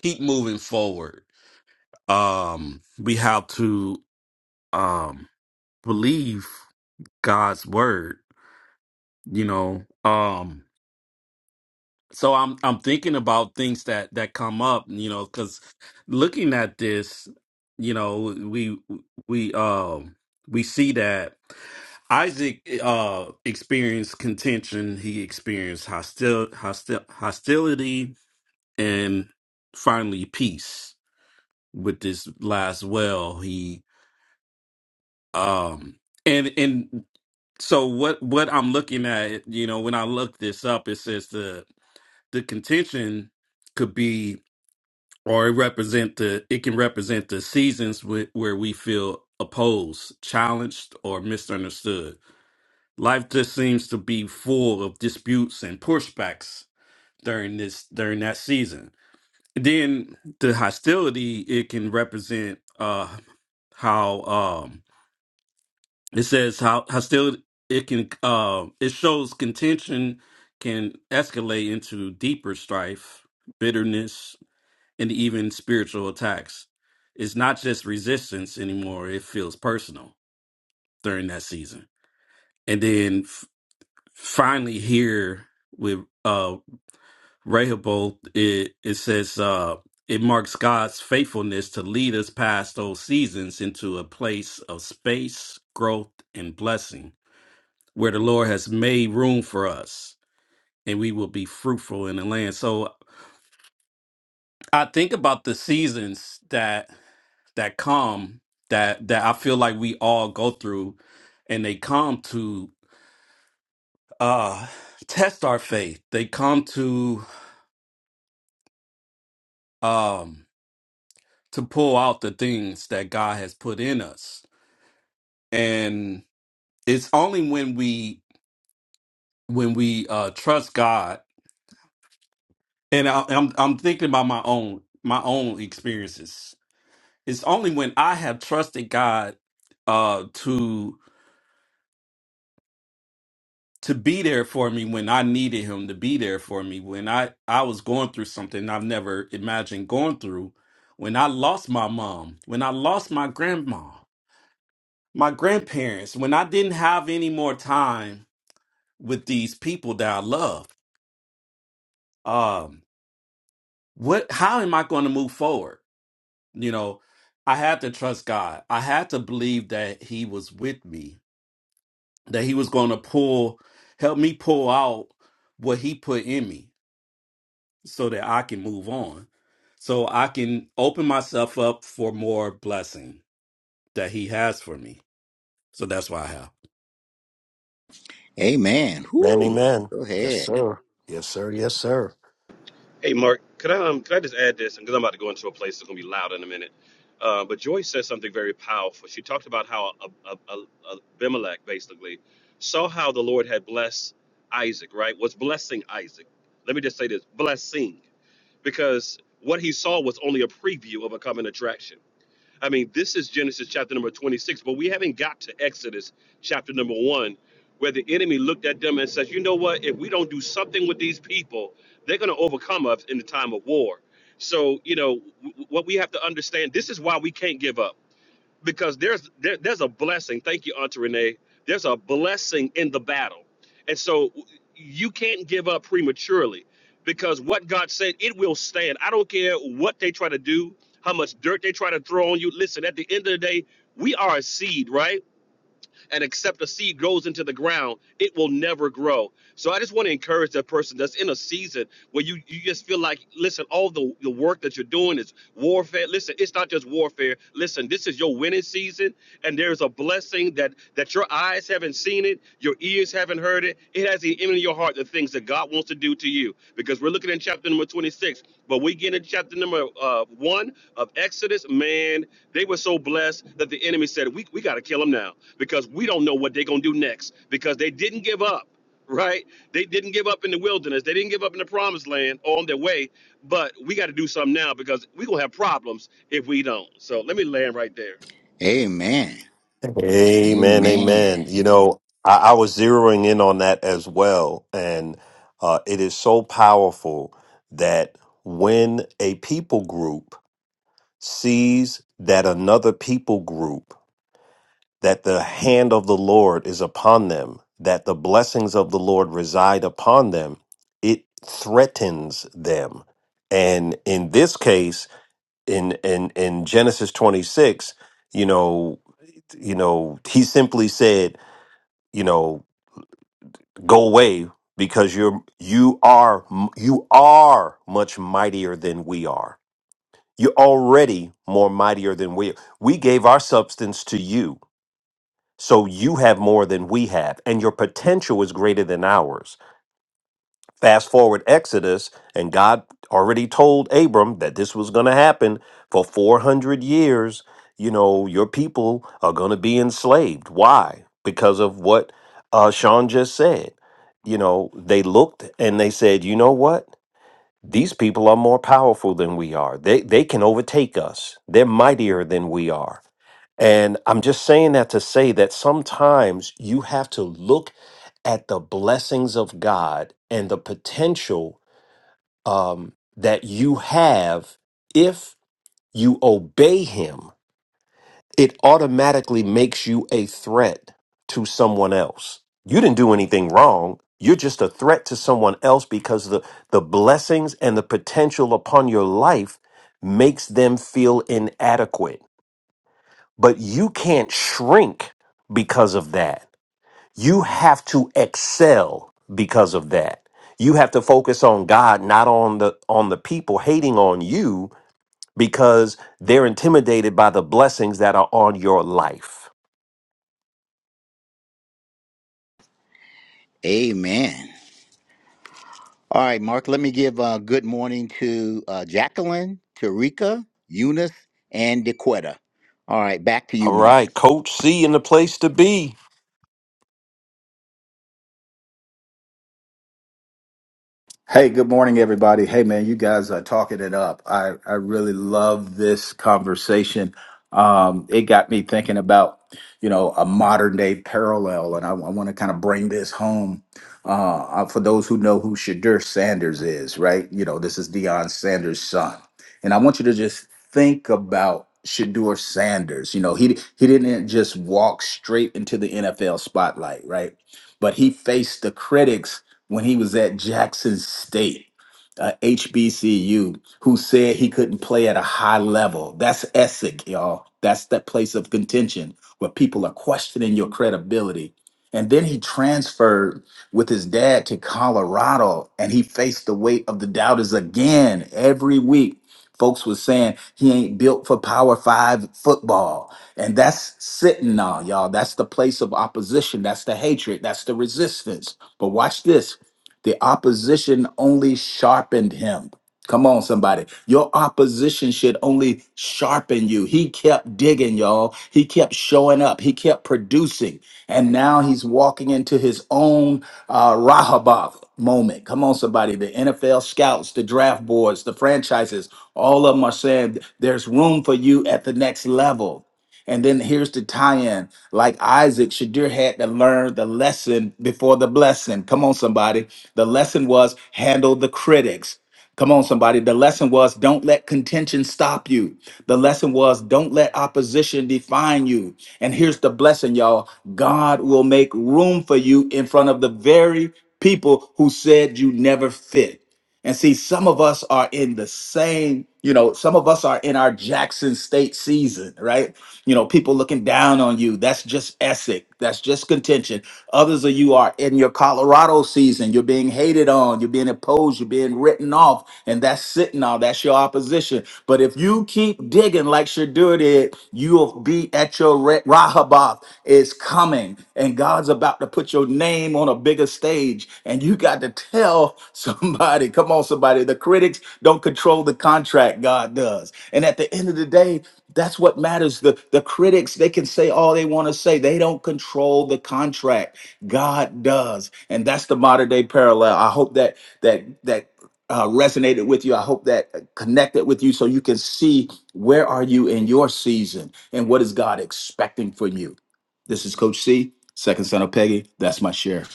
H: keep moving forward. Um we have to um believe God's word, you know. Um so i'm i'm thinking about things that that come up you know because looking at this you know we we um we see that isaac uh experienced contention he experienced hostil, hostil hostility and finally peace with this last well he um and and so what what i'm looking at you know when i look this up it says the the contention could be or it represent the it can represent the seasons with, where we feel opposed, challenged, or misunderstood. Life just seems to be full of disputes and pushbacks during this during that season. Then the hostility it can represent uh how um it says how hostility it can uh, it shows contention can escalate into deeper strife, bitterness, and even spiritual attacks. It's not just resistance anymore, it feels personal during that season. And then f- finally, here with uh, Rehoboth, it, it says uh, it marks God's faithfulness to lead us past those seasons into a place of space, growth, and blessing where the Lord has made room for us and we will be fruitful in the land. So I think about the seasons that that calm that that I feel like we all go through and they come to uh test our faith. They come to um to pull out the things that God has put in us. And it's only when we when we uh trust God and I, I'm I'm thinking about my own my own experiences. It's only when I have trusted God uh to to be there for me when I needed him to be there for me when I I was going through something I've never imagined going through when I lost my mom when I lost my grandma my grandparents when I didn't have any more time with these people that I love um what how am I going to move forward you know I had to trust God I had to believe that he was with me that he was going to pull help me pull out what he put in me so that I can move on, so I can open myself up for more blessing that He has for me. So that's why I have.
B: Amen.
A: Man,
B: Whoo.
A: amen.
B: Go
A: Yes,
B: ahead.
A: sir. Yes, sir. Yes, sir.
C: Hey, Mark, could I um, could I just add this? Because I'm about to go into a place that's going to be loud in a minute. Uh, but Joyce said something very powerful. She talked about how Ab- Ab- Ab- Abimelech basically saw how the Lord had blessed Isaac, right? Was blessing Isaac. Let me just say this blessing, because what he saw was only a preview of a coming attraction. I mean, this is Genesis chapter number 26, but we haven't got to Exodus chapter number one, where the enemy looked at them and says, You know what? If we don't do something with these people, they're going to overcome us in the time of war. So, you know, w- what we have to understand this is why we can't give up because there's there, there's a blessing. Thank you, Auntie Renee. There's a blessing in the battle, and so you can't give up prematurely because what God said it will stand. I don't care what they try to do, how much dirt they try to throw on you. Listen, at the end of the day, we are a seed, right? And except a seed grows into the ground, it will never grow. So I just want to encourage that person that's in a season where you, you just feel like, listen, all the, the work that you're doing is warfare. Listen, it's not just warfare. Listen, this is your winning season, and there's a blessing that that your eyes haven't seen it, your ears haven't heard it. It has the enemy in your heart the things that God wants to do to you. Because we're Look at it in chapter number 26. But we get in chapter number uh, one of Exodus. Man, they were so blessed that the enemy said, We, we got to kill them now because we don't know what they're going to do next because they didn't give up, right? They didn't give up in the wilderness. They didn't give up in the promised land or on their way. But we got to do something now because we're going to have problems if we don't. So let me land right there.
B: Amen.
A: Amen,
B: Amen.
A: amen. You know, I, I was zeroing in on that as well, and uh, it is so powerful that when a people group sees that another people group, that the hand of the Lord is upon them, that the blessings of the Lord reside upon them, it threatens them. And in this case, in in in Genesis twenty six, you know, you know, he simply said you know go away because you're you are you are much mightier than we are you're already more mightier than we are. we gave our substance to you so you have more than we have and your potential is greater than ours Fast forward Exodus, and God already told Abram that this was going to happen for 400 years. You know, your people are going to be enslaved. Why? Because of what uh, Sean just said. You know, they looked and they said, you know what? These people are more powerful than we are. They they can overtake us. They're mightier than we are. And I'm just saying that to say that sometimes you have to look at the blessings of God and the potential um, that you have if you obey Him it automatically makes you a threat to someone else. You didn't do anything wrong. You're just a threat to someone else because the, the blessings and the potential upon your life makes them feel inadequate. But you can't shrink because of that. You have to excel because of that. You have to focus on God, not on the on the people hating on you because they're intimidated by the blessings that are on your life.
B: Amen. All right, Mark. Let me give a good morning to uh, Jacqueline, Tarika, Eunice, and DeQuetta. All right, back to you,
A: All
B: Mark.
A: right, Coach C in the place to be.
G: Hey, good morning, everybody. Hey, man, you guys are talking it up. I, I really love this conversation. Um, it got me thinking about, you know, a modern day parallel, and I, I want to kind of bring this home uh, uh, for those who know who Shadur Sanders is, right? You know, this is Deion Sanders' son, and I want you to just think about Shadur Sanders. You know, he he didn't just walk straight into the NFL spotlight, right? But he faced the critics when he was at Jackson State, uh, HBCU, who said he couldn't play at a high level. That's Essex, y'all. That's that place of contention where people are questioning your credibility. And then he transferred with his dad to Colorado and he faced the weight of the doubters again every week. Folks were saying he ain't built for power five football. And that's sitting on y'all. That's the place of opposition. That's the hatred. That's the resistance. But watch this the opposition only sharpened him. Come on, somebody. Your opposition should only sharpen you. He kept digging, y'all. He kept showing up. He kept producing. And now he's walking into his own uh, Rahabov moment. Come on, somebody. The NFL scouts, the draft boards, the franchises, all of them are saying there's room for you at the next level. And then here's the tie-in. Like Isaac, Shadir had to learn the lesson before the blessing. Come on, somebody. The lesson was handle the critics. Come on, somebody. The lesson was don't let contention stop you. The lesson was don't let opposition define you. And here's the blessing, y'all God will make room for you in front of the very people who said you never fit. And see, some of us are in the same, you know, some of us are in our Jackson State season, right? you know people looking down on you that's just Essex that's just contention others of you are in your Colorado season you're being hated on you're being opposed you're being written off and that's sitting on that's your opposition but if you keep digging like Shadur did you'll be at your Re- Rahaboth is coming and God's about to put your name on a bigger stage. And you got to tell somebody, *laughs* come on, somebody, the critics don't control the contract, God does. And at the end of the day, that's what matters. The, the critics, they can say all they want to say. They don't control the contract. God does. And that's the modern day parallel. I hope that that that uh, resonated with you. I hope that uh, connected with you so you can see where are you in your season and what is God expecting from you. This is Coach C, second son of Peggy. That's my share.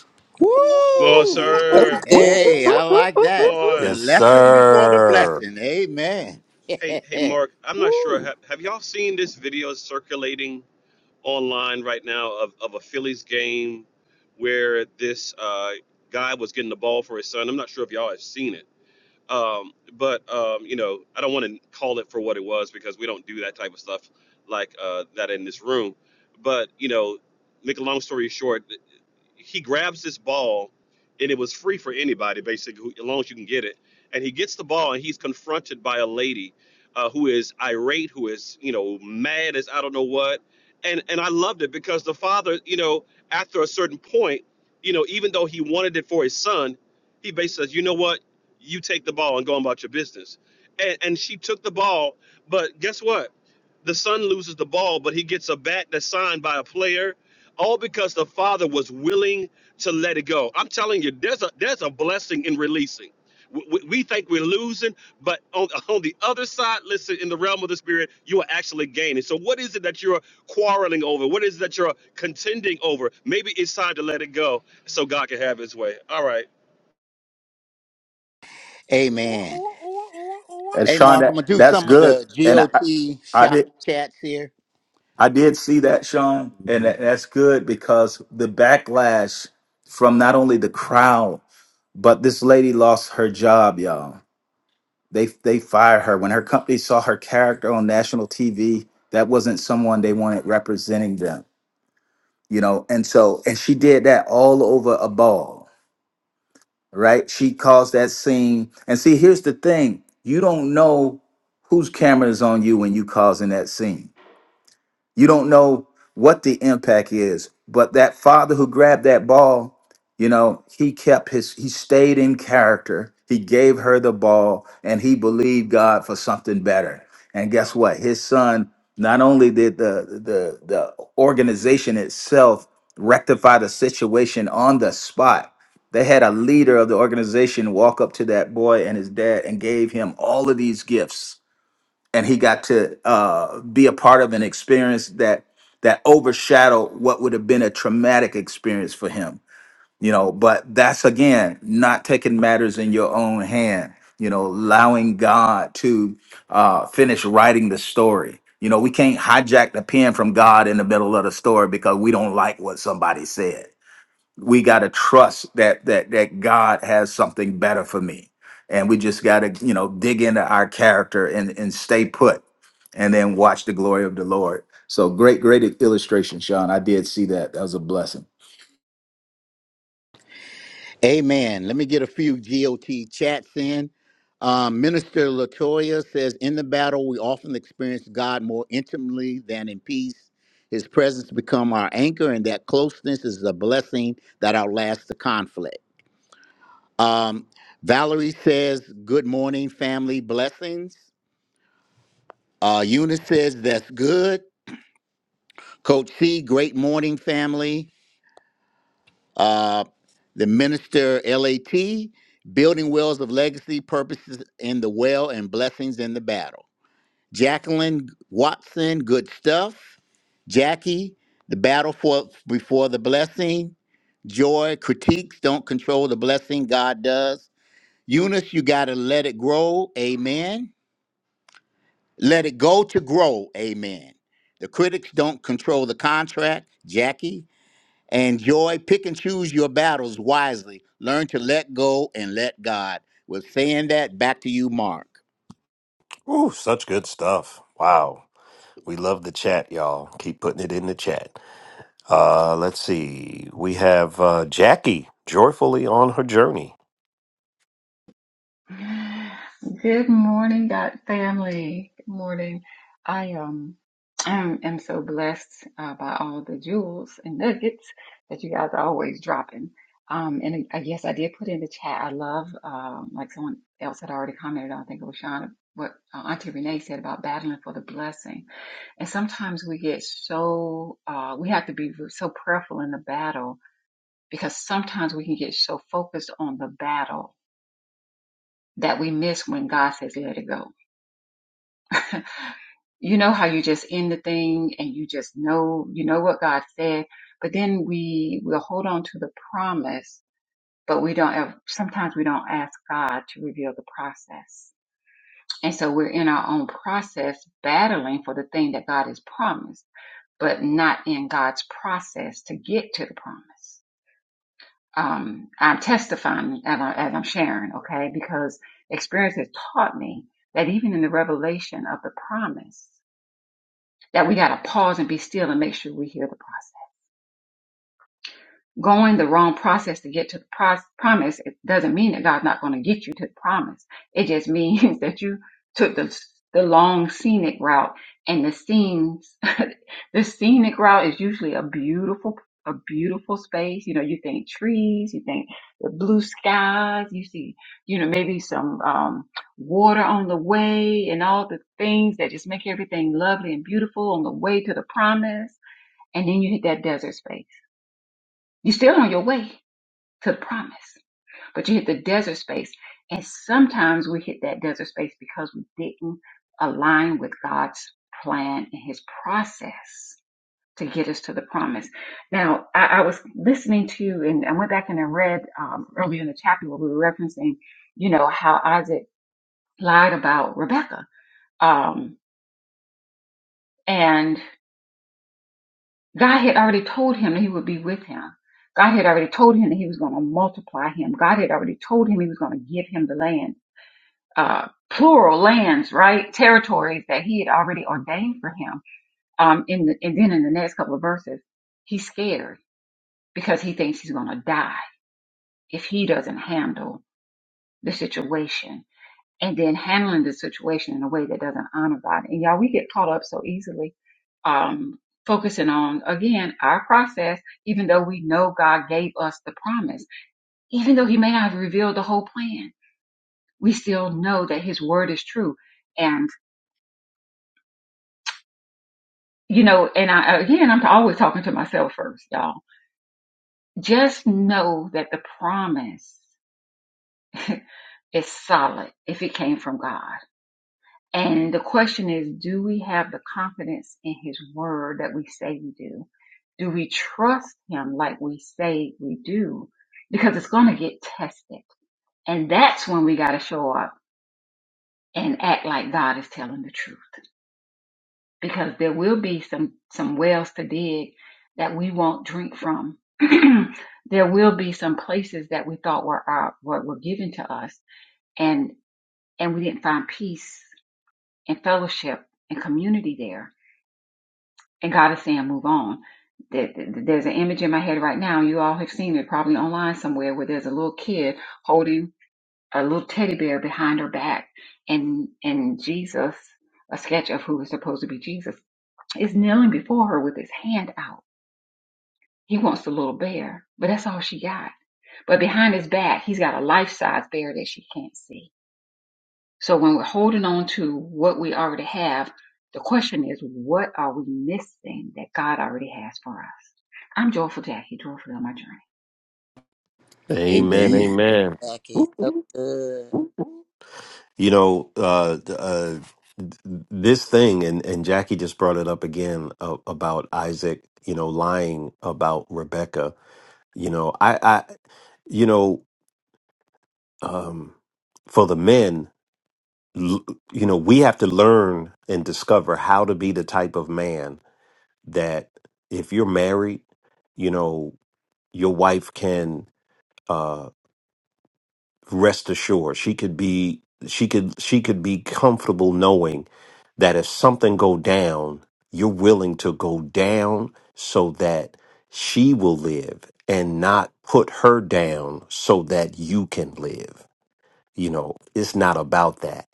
C: Well,
B: Woo!
E: So
C: sir.
E: good.
B: Hey,
E: So
B: I like that. The
C: On.
E: thirsty.
A: Yes,
B: lesson before the
A: sir.
B: blessing. Amen.
C: Hey,
B: *laughs*
C: hey, Mark, I'm not sure.
B: Woo!
C: Have, have y'all seen this video circulating? online right now of, of a Phillies game where this uh, guy was getting the ball for his son. I'm not sure if y'all have seen it. Um, but, um, you know, I don't want to call it for what it was because we don't do that type of stuff like uh, that in this room. But, you know, make a long story short, he grabs this ball, and it was free for anybody basically, as long as you can get it. And he gets the ball, and he's confronted by a lady uh, who is irate, who is you know mad as I don't know what. And and I loved it because the father, you know, after a certain point, you know, even though he wanted it for his son, he basically says, you know what, you take the ball and go on about your business. And and she took the ball, but guess what? The son loses the ball, but he gets a bat that's signed by a player all because the father was willing to let it go. I'm telling you, there's a there's a blessing in releasing. We, we we think we're losing, but on, on the other side, listen, in the realm of the spirit, you are actually gaining. So, what is it that you're quarreling over? What is it that you're contending over? Maybe it's time to let it go so God can have His way. All right.
B: Amen.
G: And
B: Hey,
G: Sean,
B: Mark, I'm
G: that,
B: going to do
G: that's
B: some of
G: good.
B: the
G: And I,
B: GOT
G: I
B: shop
G: did
B: chats here.
G: I did see that, Sean, and
B: Mhm.
G: that, that's good because the backlash from not only the crowd, but this lady lost her job, y'all. They they fired her when her company saw her character on national TV. That wasn't someone they wanted representing them, you know. And so, and she did that all over a ball right? She caused that scene. And see, here's the thing you don't know whose camera is on you when you causing that scene. You don't know what the impact is, but that father who grabbed that ball, you know, he kept his, he stayed in character. He gave her the ball and he believed God for something better. And guess what? His son, not only did the, the, the organization itself rectify the situation on the spot, they had a leader of the organization walk up to that boy and his dad and gave him all of these gifts and he got to uh, be a part of an experience that that overshadowed what would have been a traumatic experience for him you know but that's again not taking matters in your own hand you know allowing god to uh, finish writing the story you know we can't hijack the pen from god in the middle of the story because we don't like what somebody said we got to trust that that that God has something better for me, and we just got to you know dig into our character and and stay put, and then watch the glory of the Lord. So great, great illustration, Sean. I did see that. That was a blessing.
B: Amen. Let me get a few GOT chats in. Um, Minister Latoya says, In the battle, we often experience God more intimately than in peace. His presence become our anchor, and that closeness is a blessing that outlasts the conflict. Um, Valerie says, Good morning, family blessings. Uh, Eunice says, That's good. Coach C, great morning, family. Uh, the minister, LAT, building wells of legacy, purposes in the well, and blessings in the battle. Jacqueline Watson, good stuff. Jackie, the battle for before the blessing. Joy, critiques don't control the blessing, God does. Eunice, you got to let it grow. Amen. Let it go to grow. Amen. The critics don't control the contract, Jackie. And Joy, pick and choose your battles wisely. Learn to let go and let God. With saying that, back to you, Mark.
A: Ooh, such good stuff. Wow. We love the chat, y'all. Keep putting it in the chat. Uh, let's see. We have uh, Jackie joyfully on her journey.
I: Good morning, God family. Good morning. I um am, am so blessed uh, by all the jewels and nuggets that you guys are always dropping. Um, and I guess I did put in the chat. I love um like someone else had already commented on. I think it was Shauna. What uh, Auntie Renee said about battling for the blessing. And sometimes we get so uh we have to be so prayerful in the battle because sometimes we can get so focused on the battle that we miss when God says, let it go. You know how you just end the thing and you just know, you know what God said, but then we will hold on to the promise, but we don't ever, sometimes we don't ask God to reveal the process. And so we're in our own process battling for the thing that God has promised, but not in God's process to get to the promise. um, I'm testifying and, I, and I'm sharing, okay? Because experience has taught me that even in the revelation of the promise, that we got to pause and be still and make sure we hear the process going the wrong process to get to the pros- promise, it doesn't mean that God's not going to get you to the promise. It just means *laughs* that you took the the long scenic route, and the scenes, *laughs* the scenic route is usually a beautiful, a beautiful space. You know, you think trees, you think the blue skies, you see, you know, maybe some um, water on the way, and all the things that just make everything lovely and beautiful on the way to the promise. And then you hit that desert space. You're still on your way to the promise. But you hit the desert space. And sometimes we hit that desert space because we didn't align with God's plan and his process to get us to the promise. Now, I, I was listening to, and I went back and I read um, earlier in the chapter where we were referencing, you know, how Isaac lied about Rebecca. Um, and God had already told him that he would be with him. God had already told him that he was going to multiply him. God had already told him he was going to give him the land. uh, plural lands, right? Territories that he had already ordained for him. Um, in the, and then in the next couple of verses, he's scared because he thinks he's going to die if he doesn't handle the situation. And then handling the situation in a way that doesn't honor God. And y'all, we get caught up so easily, um, focusing on again our process, even though we know God gave us the promise, even though He may not have revealed the whole plan, we still know that His word is true And you know, and I, again, I'm always talking to myself first, y'all. Just know that the promise *laughs* is solid if it came from God. And the question is, do we have the confidence in his word that we say we do? Do we trust him like we say we do? Because it's going to get tested. And that's when we got to show up and act like God is telling the truth. because there will be some some wells to dig that we won't drink from. *clears throat* there will be some places that we thought were our, were, were given to us, and and we didn't find peace and fellowship and community there. And God is saying, move on. There- There's an image in my head right now. You all have seen it probably online somewhere where there's a little kid holding a little teddy bear behind her back, and and Jesus, a sketch of who is supposed to be Jesus is kneeling before her with his hand out. He wants the little bear, but that's all she got. But behind his back, he's got a life size bear that she can't see. So when we're holding on to what we already have, the question is, what are we missing that God already has for us? I'm joyful Jackie, joyfully on my journey.
A: Amen.
B: Amen.
A: Amen.
E: Jackie.
A: Ooh,
E: So
A: ooh.
E: good.
A: You know, uh, uh, this thing, and, and Jackie just brought it up again uh, about Isaac, you know, lying about Rebecca. You know, I, I, you know, um, for the men, l- you know, we have to learn and discover how to be the type of man that if you're married, you know, your wife can uh, rest assured. She could be she could she could be comfortable knowing that if something go down, you're willing to go down so that she will live and not put her down so that you can live. You know, it's not about that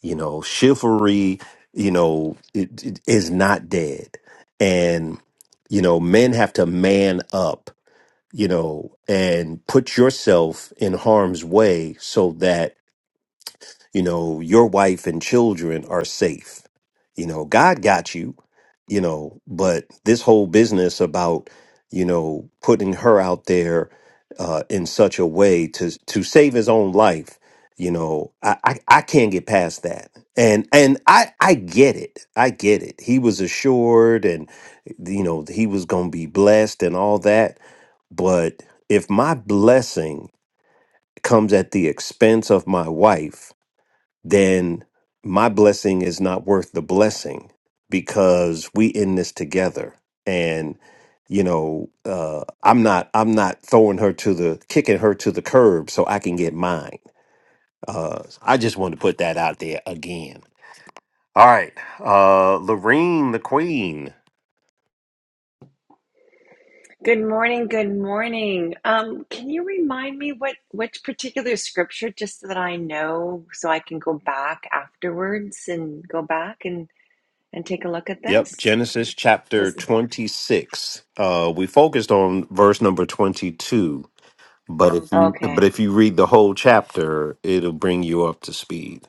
A: You know, chivalry, you know, it, it is not dead. And, you know, men have to man up, you know, and put yourself in harm's way so that you know your wife and children are safe you know god got you you know but this whole business about you know putting her out there uh in such a way to to save his own life you know i i, I can't get past that and and i i get it i get it he was assured and you know he was going to be blessed and all that but if my blessing comes at the expense of my wife then my blessing is not worth the blessing because we in this together and you know uh i'm not i'm not throwing her to the kicking her to the curb so i can get mine uh i just wanted to put that out there again all right uh lorene the queen
J: Good morning. Good morning. Um, can you remind me what which particular scripture, just so that I know, so I can go back afterwards and go back and and take a look at
A: yep
J: this?
A: genesis chapter
J: Was
A: 26 uh we focused on verse number 22 but if you
J: okay.
A: but if you read the whole chapter it'll bring you up to speed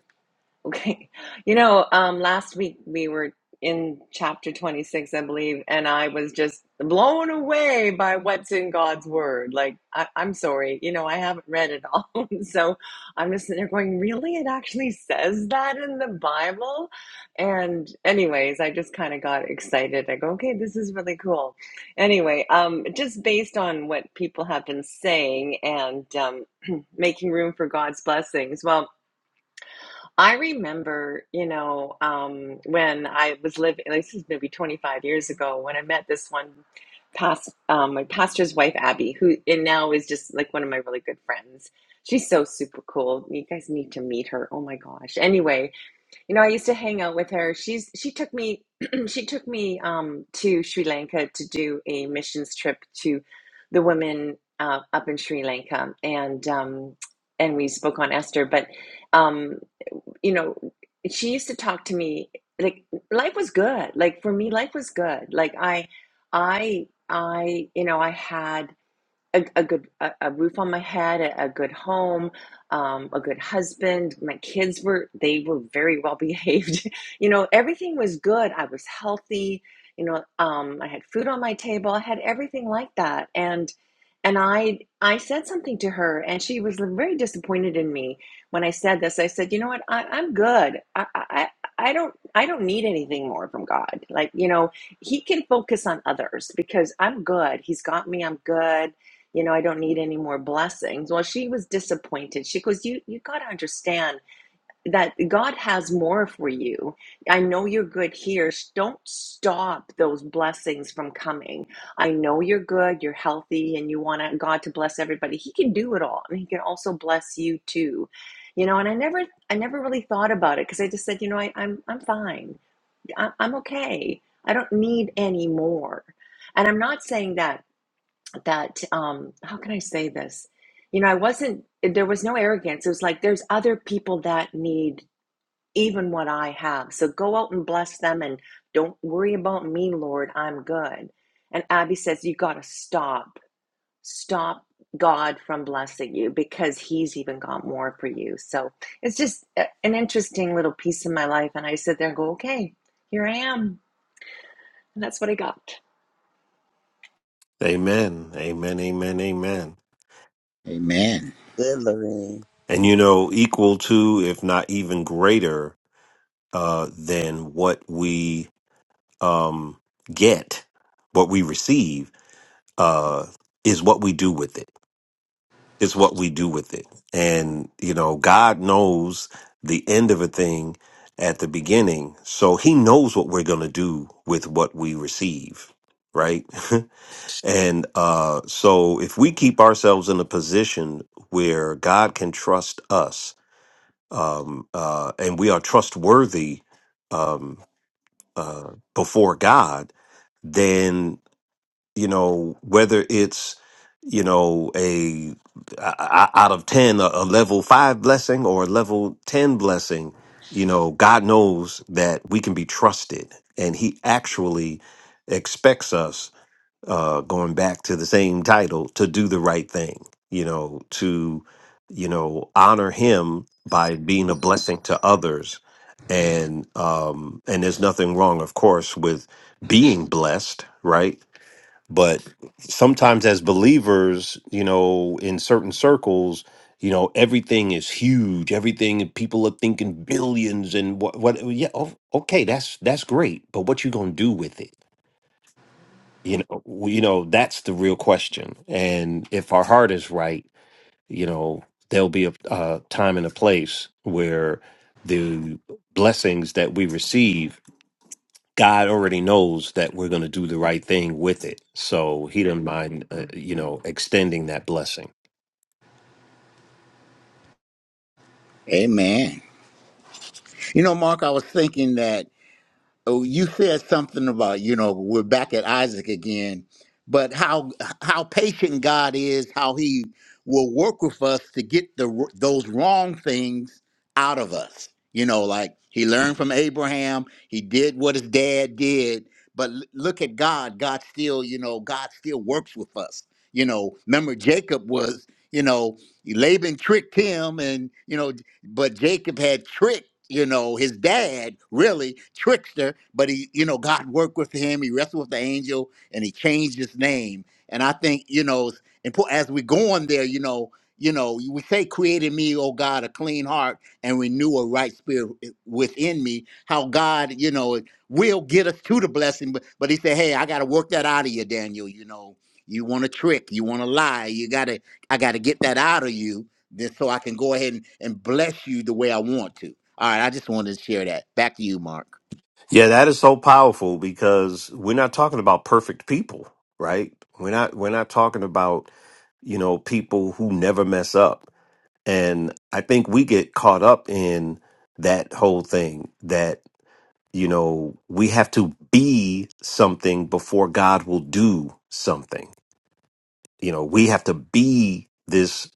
J: *laughs* Okay. You know, um, last week we were in chapter 26, I believe, and I was just blown away by what's in God's word. Like, I, I'm sorry, you know, I haven't read it all. *laughs* so I'm just sitting there going, really? It actually says that in the Bible? And, anyways, I just kind of got excited. I go, okay, this is really cool. Anyway, um, just based on what people have been saying and um, *clears throat* making room for God's blessings. Well, I remember, you know, um, when I was living, like, this is maybe 25 years ago, when I met this one past, um, my pastor's wife, Abby, who and now is just like one of my really good friends. She's so super cool. You guys need to meet her. Oh my gosh. Anyway, you know, I used to hang out with her. She's she took me *clears throat* she took me um, to Sri Lanka to do a missions trip to the women uh, up in Sri Lanka, and um, and we spoke on Esther, but. Um, you know, she used to talk to me like life was good. Like for me, life was good. Like I, I, I, you know, I had a, a good a, a roof on my head, a, a good home, um, a good husband. My kids were they were very well behaved. *laughs* you know, everything was good. I was healthy. You know, um, I had food on my table. I had everything like that. And and I I said something to her, and she was very disappointed in me when I said this. I said, you know what, I, I'm good. I, I I don't I don't need anything more from God. Like you know, He can focus on others because I'm good. He's got me. I'm good you know i don't need any more blessings well she was disappointed she goes you you got to understand that god has more for you i know you're good here don't stop those blessings from coming i know you're good you're healthy and you want god to bless everybody he can do it all and he can also bless you too you know and i never i never really thought about it because i just said you know I, i'm i'm fine I, i'm okay i don't need any more and i'm not saying that that um how can i say this you know i wasn't there was no arrogance it was like there's other people that need even what i have so go out and bless them and don't worry about me lord i'm good and abby says you got to stop stop god from blessing you because he's even got more for you so it's just a- an interesting little piece of my life and i sit there and go okay here i am and that's what i got
A: Amen. Amen. Amen. Amen.
B: Amen.
E: Good, Lorraine.
A: And you know, equal to, if not even greater, uh, than what we um, get, what we receive, uh, is what we do with it. It's what we do with it. And you know, God knows the end of a thing at the beginning, so He knows what we're going to do with what we receive. Right? *laughs* And uh, so, if we keep ourselves in a position where God can trust us, um, uh, and we are trustworthy um, uh, before God, then you know whether it's you know a, a- out of ten a, a level five blessing or a level ten blessing, you know God knows that we can be trusted, and He actually expects us uh, going back to the same title, to do the right thing, you know, to, you know, honor him by being a blessing to others. And um and there's nothing wrong, of course, with being blessed, right? But sometimes as believers, you know, in certain circles, you know, everything is huge. Everything people are thinking billions and what what yeah, o- okay, that's that's great. But what you gonna do with it? you know we- you know that's the real question and if our heart is right you know there'll be a, a time and a place where the blessings that we receive god already knows that we're going to do the right thing with it so he doesn't mind uh, you know extending that blessing
B: Amen. You know, Mark, I was thinking that Oh, you said something about, you know, we're back at Isaac again, but how how patient God is, how he will work with us to get the wr- those wrong things out of us. You know, like he learned from Abraham, he did what his dad did, but l- look at God, God still, you know, God still works with us. You know, remember Jacob was, you know, Laban tricked him and, you know, but Jacob had tricks you know, his dad, really, trickster, but he, you know, God worked with him. He wrestled with the angel and he changed his name. And I think, you know, it's impor- as we go on there, you know, you know, we say, created me, oh God, a clean heart and renew a right spirit within me. How God, you know, will get us to the blessing. But, but he said, hey, I got to work that out of you, Daniel. You know, you want to trick, you want to lie. You got to, I got to get that out of you then so I can go ahead and, and bless you the way I want to. All right, I just wanted to share that. Back to you, Mark.
A: Yeah, that is so powerful because we're not talking about perfect people, right? We're not we're not talking about, you know, people who never mess up. And I think we get caught up in that whole thing that, you know, we have to be something before God will do something. You know, we have to be this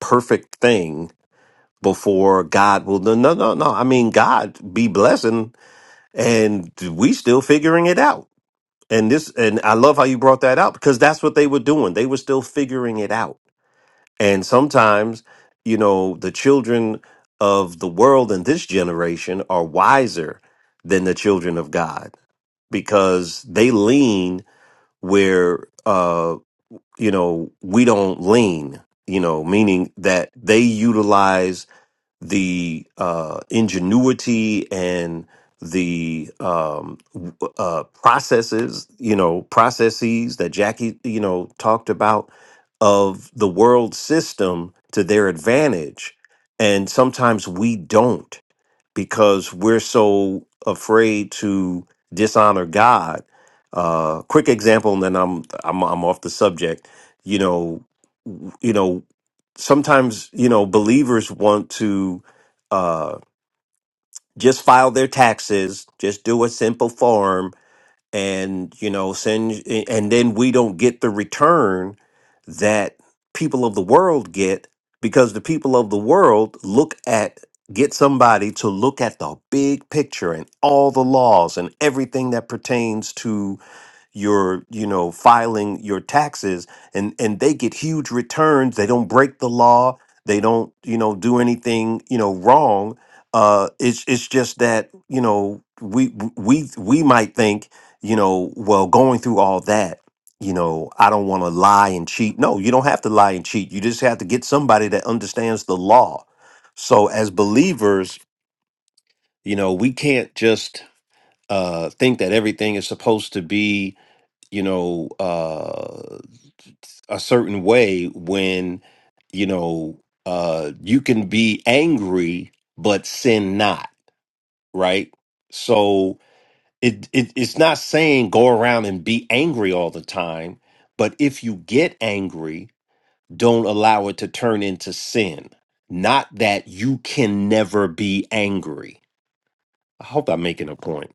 A: perfect thing before God will no no no no. I mean God be blessing and we still figuring it out And this and I love how you brought that out because that's what they were doing. They were still figuring it out. And sometimes, you know, the children of the world in this generation are wiser than the children of God because they lean where uh you know, we don't lean, you know, meaning that they utilize the uh, ingenuity and the um, w- uh, processes, you know, processes that Jackie, you know, talked about of the world system to their advantage. And sometimes we don't because we're so afraid to dishonor God. Uh, quick example, and then I'm I'm I'm off the subject. You know, w- you know, sometimes you know believers want to uh, just file their taxes, just do a simple form, and you know send and then we don't get the return that people of the world get because the people of the world look at get somebody to look at the big picture and all the laws and everything that pertains to your you know filing your taxes and and they get huge returns they don't break the law they don't you know do anything you know wrong uh it's it's just that you know we we we might think you know well going through all that you know I don't want to lie and cheat no you don't have to lie and cheat you just have to get somebody that understands the law so as believers you know we can't just uh think that everything is supposed to be you know uh a certain way when you know uh you can be angry but sin not right so it, it it's not saying go around and be angry all the time but if you get angry don't allow it to turn into sin not that you can never be angry i hope i'm making a point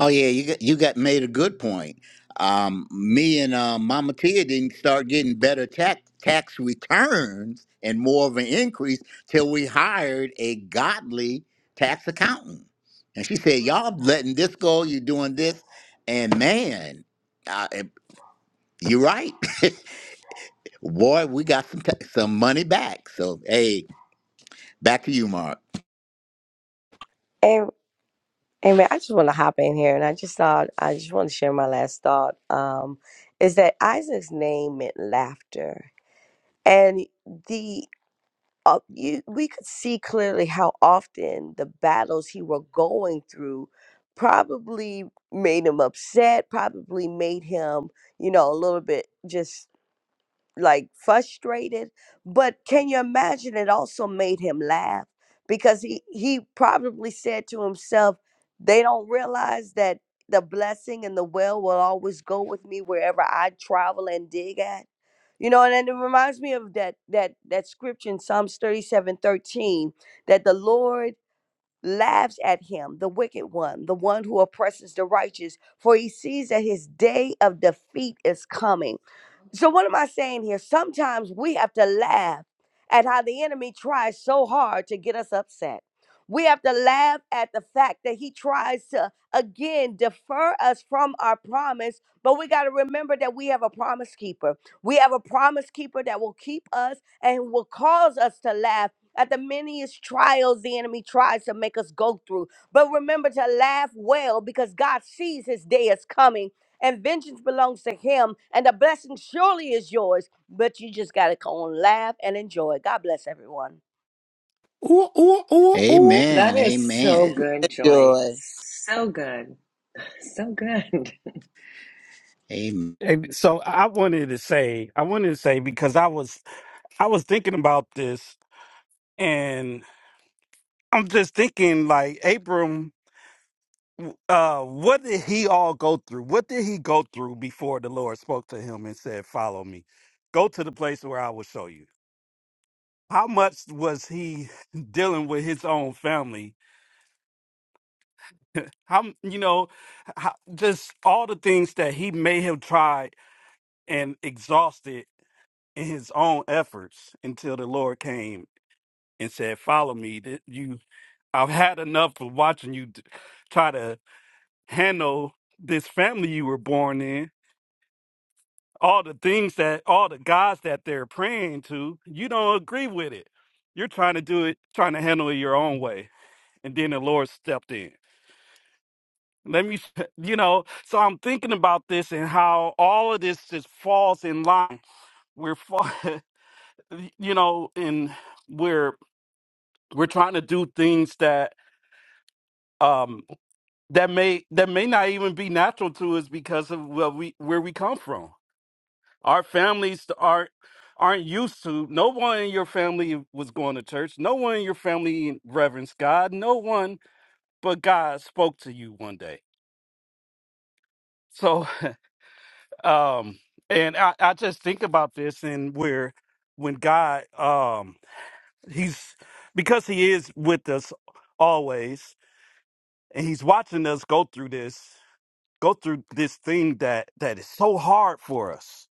B: Oh yeah, you got, you got made a good point. Um, me and uh, Mama Tia didn't start getting better tax tax returns and more of an increase till we hired a godly tax accountant. And she said, "Y'all letting this go? You doing this?" And man, uh, it- you're right, *laughs* boy. We got some ta- some money back. So hey, back to you, Mark.
F: *laughs* Amen. I just want to hop in here, and I just thought I just want to share my last thought. Um, is that Isaac's name meant laughter, and the uh, you we could see clearly how often the battles he were going through probably made him upset, probably made him you know a little bit just like frustrated but can you imagine it also made him laugh because he he probably said to himself they don't realize that the blessing and the well will always go with me wherever i travel and dig at you know and, then it reminds me of that that that scripture in psalms 37 13 that the lord laughs at him the wicked one the one who oppresses the righteous for he sees that his day of defeat is coming so, what am I saying here? Sometimes we have to laugh at how the enemy tries so hard to get us upset. We have to laugh at the fact that he tries to, again, defer us from our promise. But we got to remember that we have a promise keeper. We have a promise keeper that will keep us and will cause us to laugh at the many trials the enemy tries to make us go through. But remember to laugh well because God sees his day is coming and vengeance belongs to him and the blessing surely is yours but you just got to go on laugh and enjoy god bless everyone
B: Amen.
J: that is so
B: Amen.
J: good joy
E: Joy.
J: so good *laughs* So good.
B: Amen.
H: And so I wanted to say, I wanted to say because I was I was thinking about this, and I'm just thinking like Abram, uh, what did he all go through? What did he go through before the Lord spoke to him and said, "Follow me, go to the place where I will show you." How much was he *laughs* dealing with his own family How you know, how, just all the things that he may have tried and exhausted in his own efforts until the Lord came and said, "Follow me." That you, I've had enough of watching you d- try to handle this family you were born in. All the things that all the gods that they're praying to, you don't agree with it. You're trying to do it, trying to handle it your own way, and then the Lord stepped in. Let me, *laughs* you know, so I'm thinking about this and how all of this just falls in line. We're, fa- *laughs* you know, and we're we're trying to do things that um that may that may not even be natural to us because of where we where we come from. Our families aren't aren't used to. No one in your family was going to church. No one in your family reverenced God. No one but God spoke to you one day. So *laughs* Um, and I, I just think about this and where when God um he's because he is with us always and he's watching us go through this go through this thing that that is so hard for us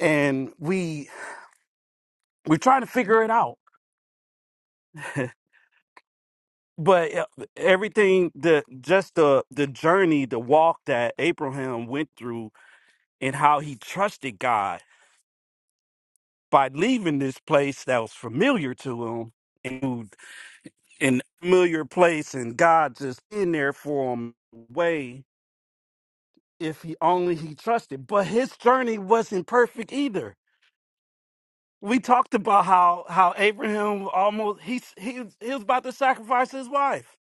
H: and we we're trying to figure it out *laughs* but uh, everything the just the the journey the walk that abraham went through and how he trusted god by leaving this place that was familiar to him and. in a familiar place and God just in there for him way if he only he trusted. But his journey wasn't perfect either. We talked about how how Abraham almost he he was- he was about to sacrifice his wife.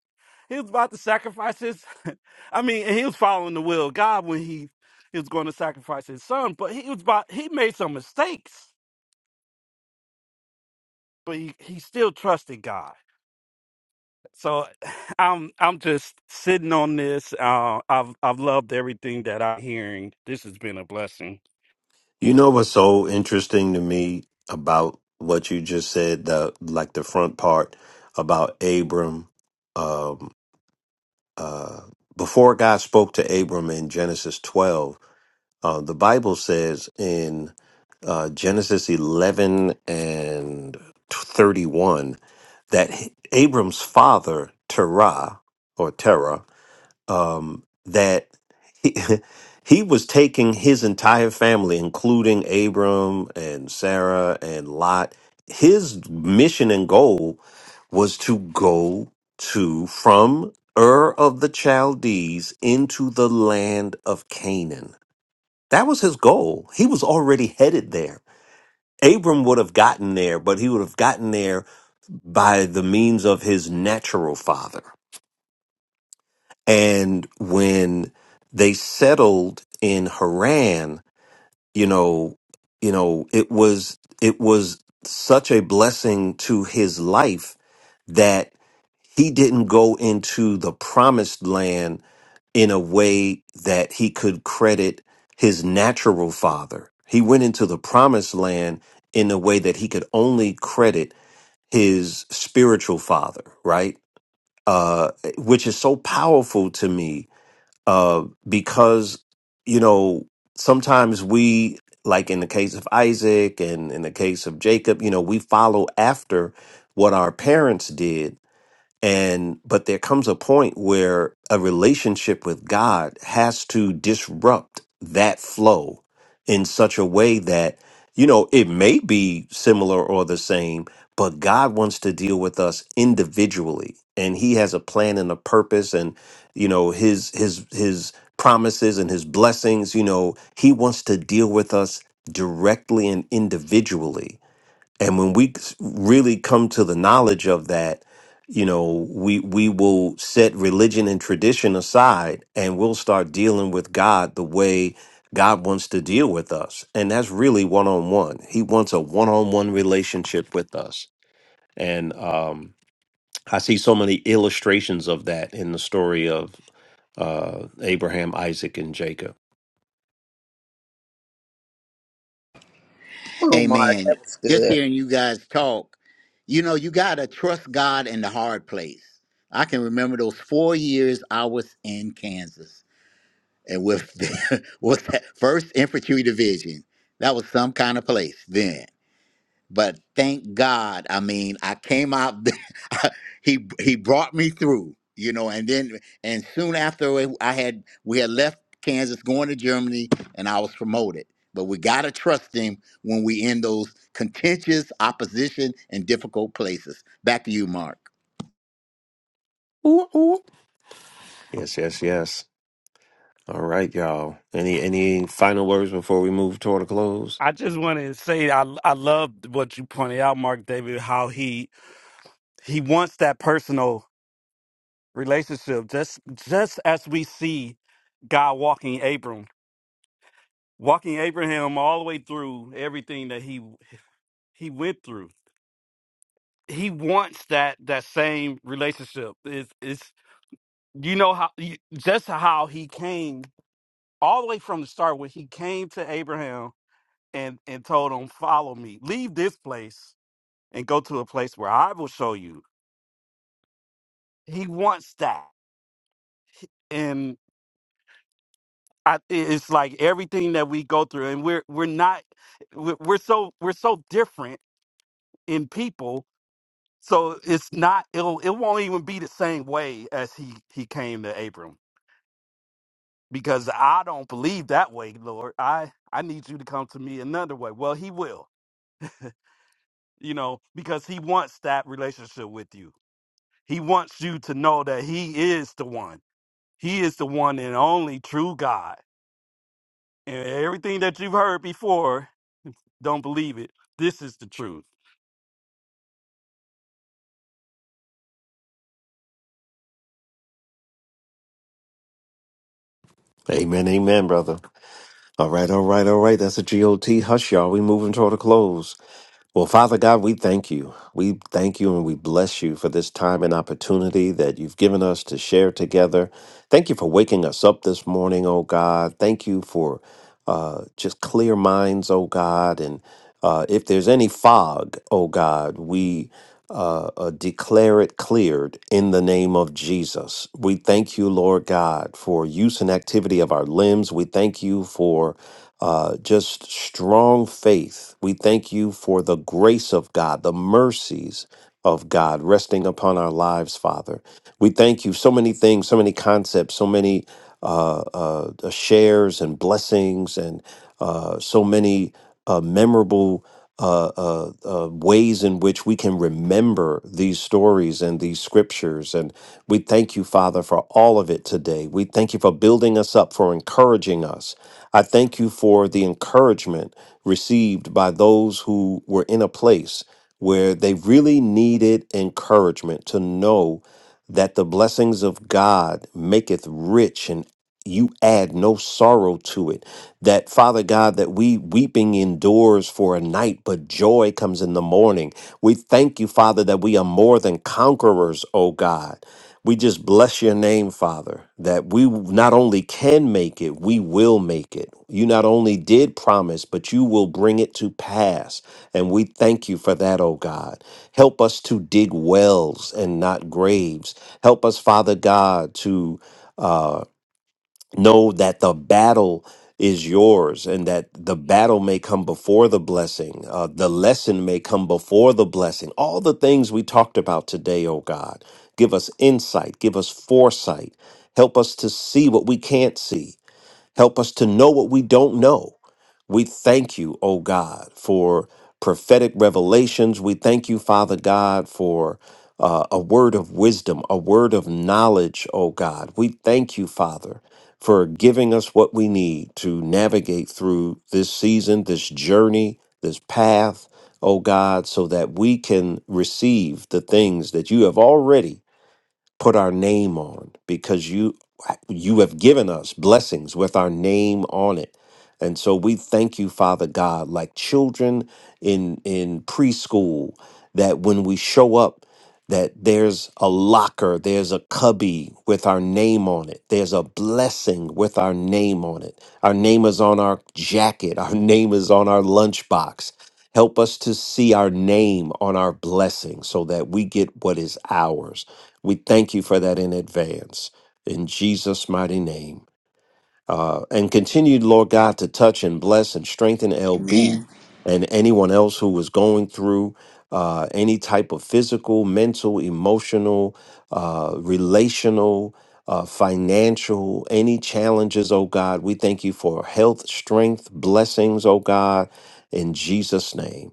H: He was about to sacrifice his *laughs* I mean, and he was following the will of God when he he was going to sacrifice his son, but he was about he made some mistakes, but he, he still trusted God. So *sighs* I'm I'm just sitting on this. Uh, I've I've loved everything that I'm hearing. This has been a blessing.
A: You know what's so interesting to me about what you just said, the like the front part about Abram. Um, uh, before God spoke to Abram in Genesis 12, uh, the Bible says in uh, Genesis 11 and 31 that Abram's father, Terah, or Terah, um, that he, *laughs* he was taking his entire family, including Abram and Sarah and Lot. His mission and goal was to go to from Ur of the Chaldees into the land of Canaan. That was his goal. He was already headed there. Abram would have gotten there, but he would have gotten there by the means of his natural father. And when they settled in Haran, you know, you know, it was it was such a blessing to his life that he didn't go into the promised land in a way that he could credit his natural father. He went into the promised land in a way that he could only credit his spiritual father, right? Uh, which is so powerful to me uh, because you know sometimes we like in the case of Isaac and in the case of Jacob, you know, we follow after what our parents did and but there comes a point where a relationship with God has to disrupt that flow in such a way that, you know, it may be similar or the same, but God wants to deal with us individually. And he has a plan and a purpose and you know his his his promises and his blessings, you know, he wants to deal with us directly and individually and when we really come to the knowledge of that you know we we will set religion and tradition aside and we'll start dealing with god the way god wants to deal with us and that's really one-on-one he wants a one-on-one relationship with us and um i see so many illustrations of that in the story of uh abraham isaac and jacob
E: Oh, Mark,
B: Amen.
E: that was
B: Just
E: good.
B: hearing you guys talk, you know, you got to trust God in the hard place. I can remember those four years I was in Kansas and with, *laughs* with that first infantry division. That was some kind of place then. But thank God, I mean, I came out. *laughs* he he brought me through, you know. And then, and soon after, I had we had left Kansas, going to Germany, and I was promoted. But we gotta trust him when we in those contentious opposition and difficult places. Back to you, Mark.
A: yes yes yes all right y'all any any final words before we move toward a close
H: I just want to say I I love what you pointed out, Mark David. How he he wants that personal relationship, just just as we see God walking Abram, walking Abraham all the way through everything that he he went through. He wants that that same relationship. It's it's you know how you, just how he came all the way from the start when he came to Abraham and and told him, "Follow me. Leave this place and go to a place where I will show you." He wants that, and I, it- it's like everything that we go through, and we're we're not we're we're so we're so different in people. So it's not it'll it won't even be the same way as he he came to Abram because I don't believe that way, Lord. I I need you to come to me another way. Well, he will you know, because he wants that relationship with you. He wants you to know that he is the one. He is the one and only true God. And everything that you've heard before, *laughs* don't believe it. This is the truth.
A: Amen, amen, brother. All right, all right, all right. That's a GOT. Hush, y'all. We moving toward a close. Well, Father God, we thank you. We thank you and we bless you for this time and opportunity that you've given us to share together. Thank you for waking us up this morning, oh God. Thank you for uh, just clear minds, oh God. And uh, if there's any fog, oh God, we uh, uh, declare it cleared in the name of Jesus. We thank you, Lord God, for use and activity of our limbs. We thank you for uh, just strong faith. We thank you for the grace of God, the mercies of God resting upon our lives, Father. We thank you. So many things, so many concepts, so many uh, uh, uh, shares and blessings, and uh, so many uh, memorable uh, uh, uh, ways in which we can remember these stories and these scriptures. And we thank you, Father, for all of it today. We thank you for building us up, for encouraging us. I thank you for the encouragement received by those who were in a place where they really needed encouragement to know that the blessings of God maketh rich and you add no sorrow to it. That Father God, that we weeping endures for a night, but joy comes in the morning. We thank you, Father, that we are more than conquerors, O God. We just bless your name, Father, that we not only can make it, we will make it. You not only did promise, but you will bring it to pass. And we thank you for that, O God. Help us to dig wells and not graves. Help us, Father God, to. uh, know that the battle is yours and that the battle may come before the blessing uh, the lesson may come before the blessing all the things we talked about today oh god give us insight give us foresight help us to see what we can't see Help us to know what we don't know. We thank you, O God, for prophetic revelations. We thank you, Father God, for uh, a word of wisdom, a word of knowledge, O God. We thank you, Father, for giving us what we need to navigate through this season, this journey, this path, O God, so that we can receive the things that you have already put our name on because you you have given us blessings with our name on it and so we thank you father god like children in in preschool that when we show up that there's a locker there's a cubby with our name on it there's a blessing with our name on it our name is on our jacket our *laughs* name is on our lunchbox help us to see our name on our blessing so that we get what is ours we thank you for that in advance. In Jesus' mighty name. Uh, and continue, Lord God, to touch and bless and strengthen
B: Amen.
A: LB and anyone else who was going through uh, any type of physical, mental, emotional, uh, relational, uh, financial, any challenges, oh God. We thank you for health, strength, blessings, oh God, in Jesus' name.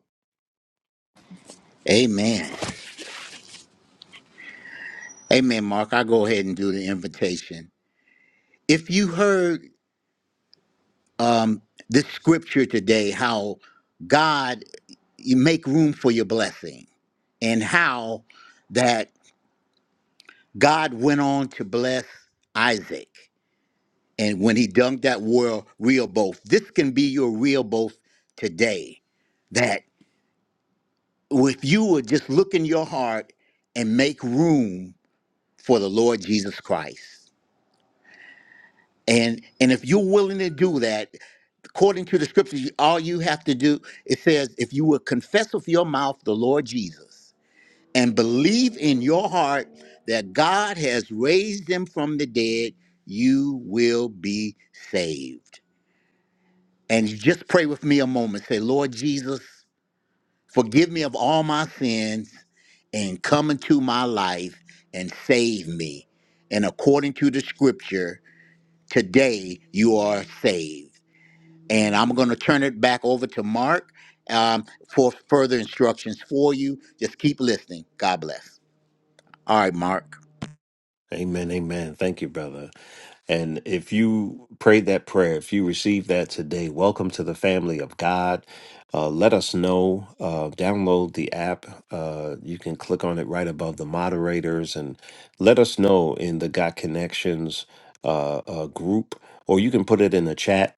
B: Amen. Amen, Mark. I'll go ahead and do the invitation. If you heard um, this scripture today, how God, you make room for your blessing and how that God went on to bless Isaac. And when he dunked that world Rehoboth, this can be your Rehoboth today. That if you would just look in your heart and make room for the Lord Jesus Christ. And and if you're willing to do that, according to the scriptures, all you have to do, it says, if you will confess with your mouth the Lord Jesus and believe in your heart that God has raised them from the dead, you will be saved. And you just pray with me a moment. Say, Lord Jesus, forgive me of all my sins and come into my life and save me. And according to the scripture, today you are saved. And I'm going to turn it back over to Mark um, for further instructions for you. Just keep listening. God bless. All right, Mark.
A: Amen. Amen. Thank you, brother. And if you prayed that prayer, if you received that today, welcome to the family of God. Uh, let us know. Uh, download the app. Uh, you can click on it right above the moderators and let us know in the God Connections uh, uh, group, or you can put it in the chat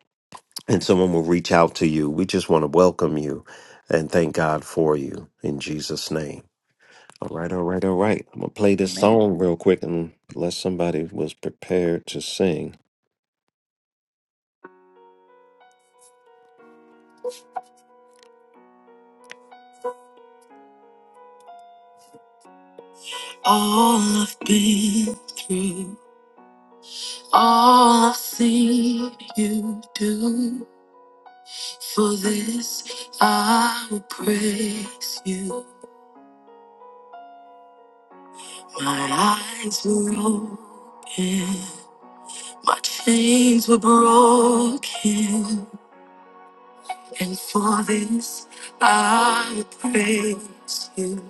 A: and someone will reach out to you. We just want to welcome you and thank God for you in Jesus' name. All right, all right, all right. I'm gonna play this
B: Amen.
A: song real quick and unless somebody was prepared to sing. All I've been through, all I've seen you do. For this I will praise you. My eyes were open, my chains were broken, and for this I will praise you.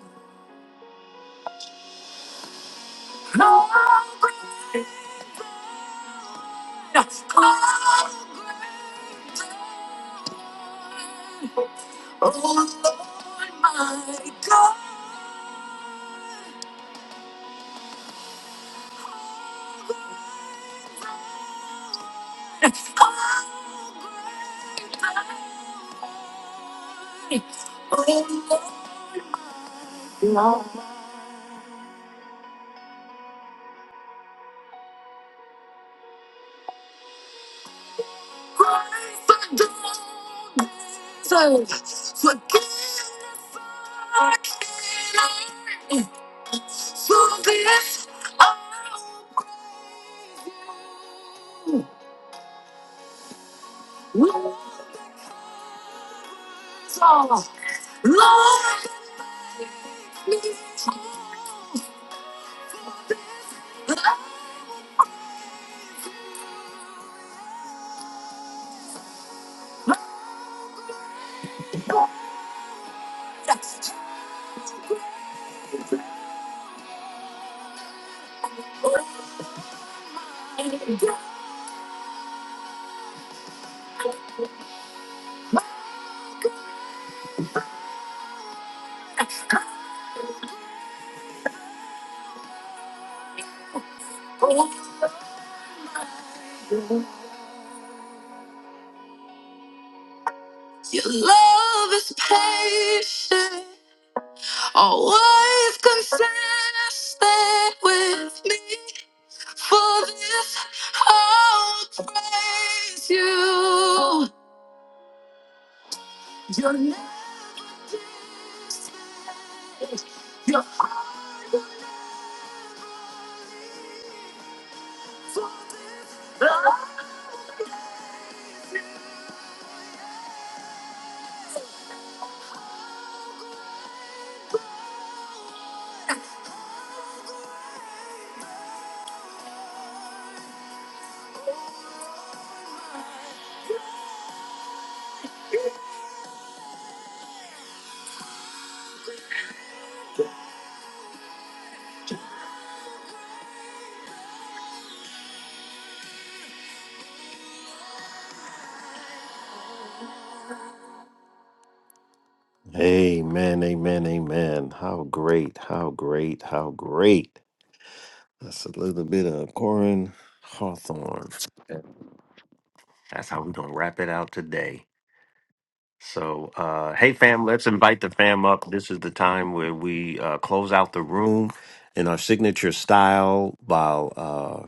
A: So forget to this loser. Lord. Amen, amen, amen. How great, how great, how great. That's a little bit of Corin Hawthorne. That's how we're gonna wrap it out today. So, uh, hey fam, let's invite the fam up. This is the time where we uh, close out the room in our signature style, while uh,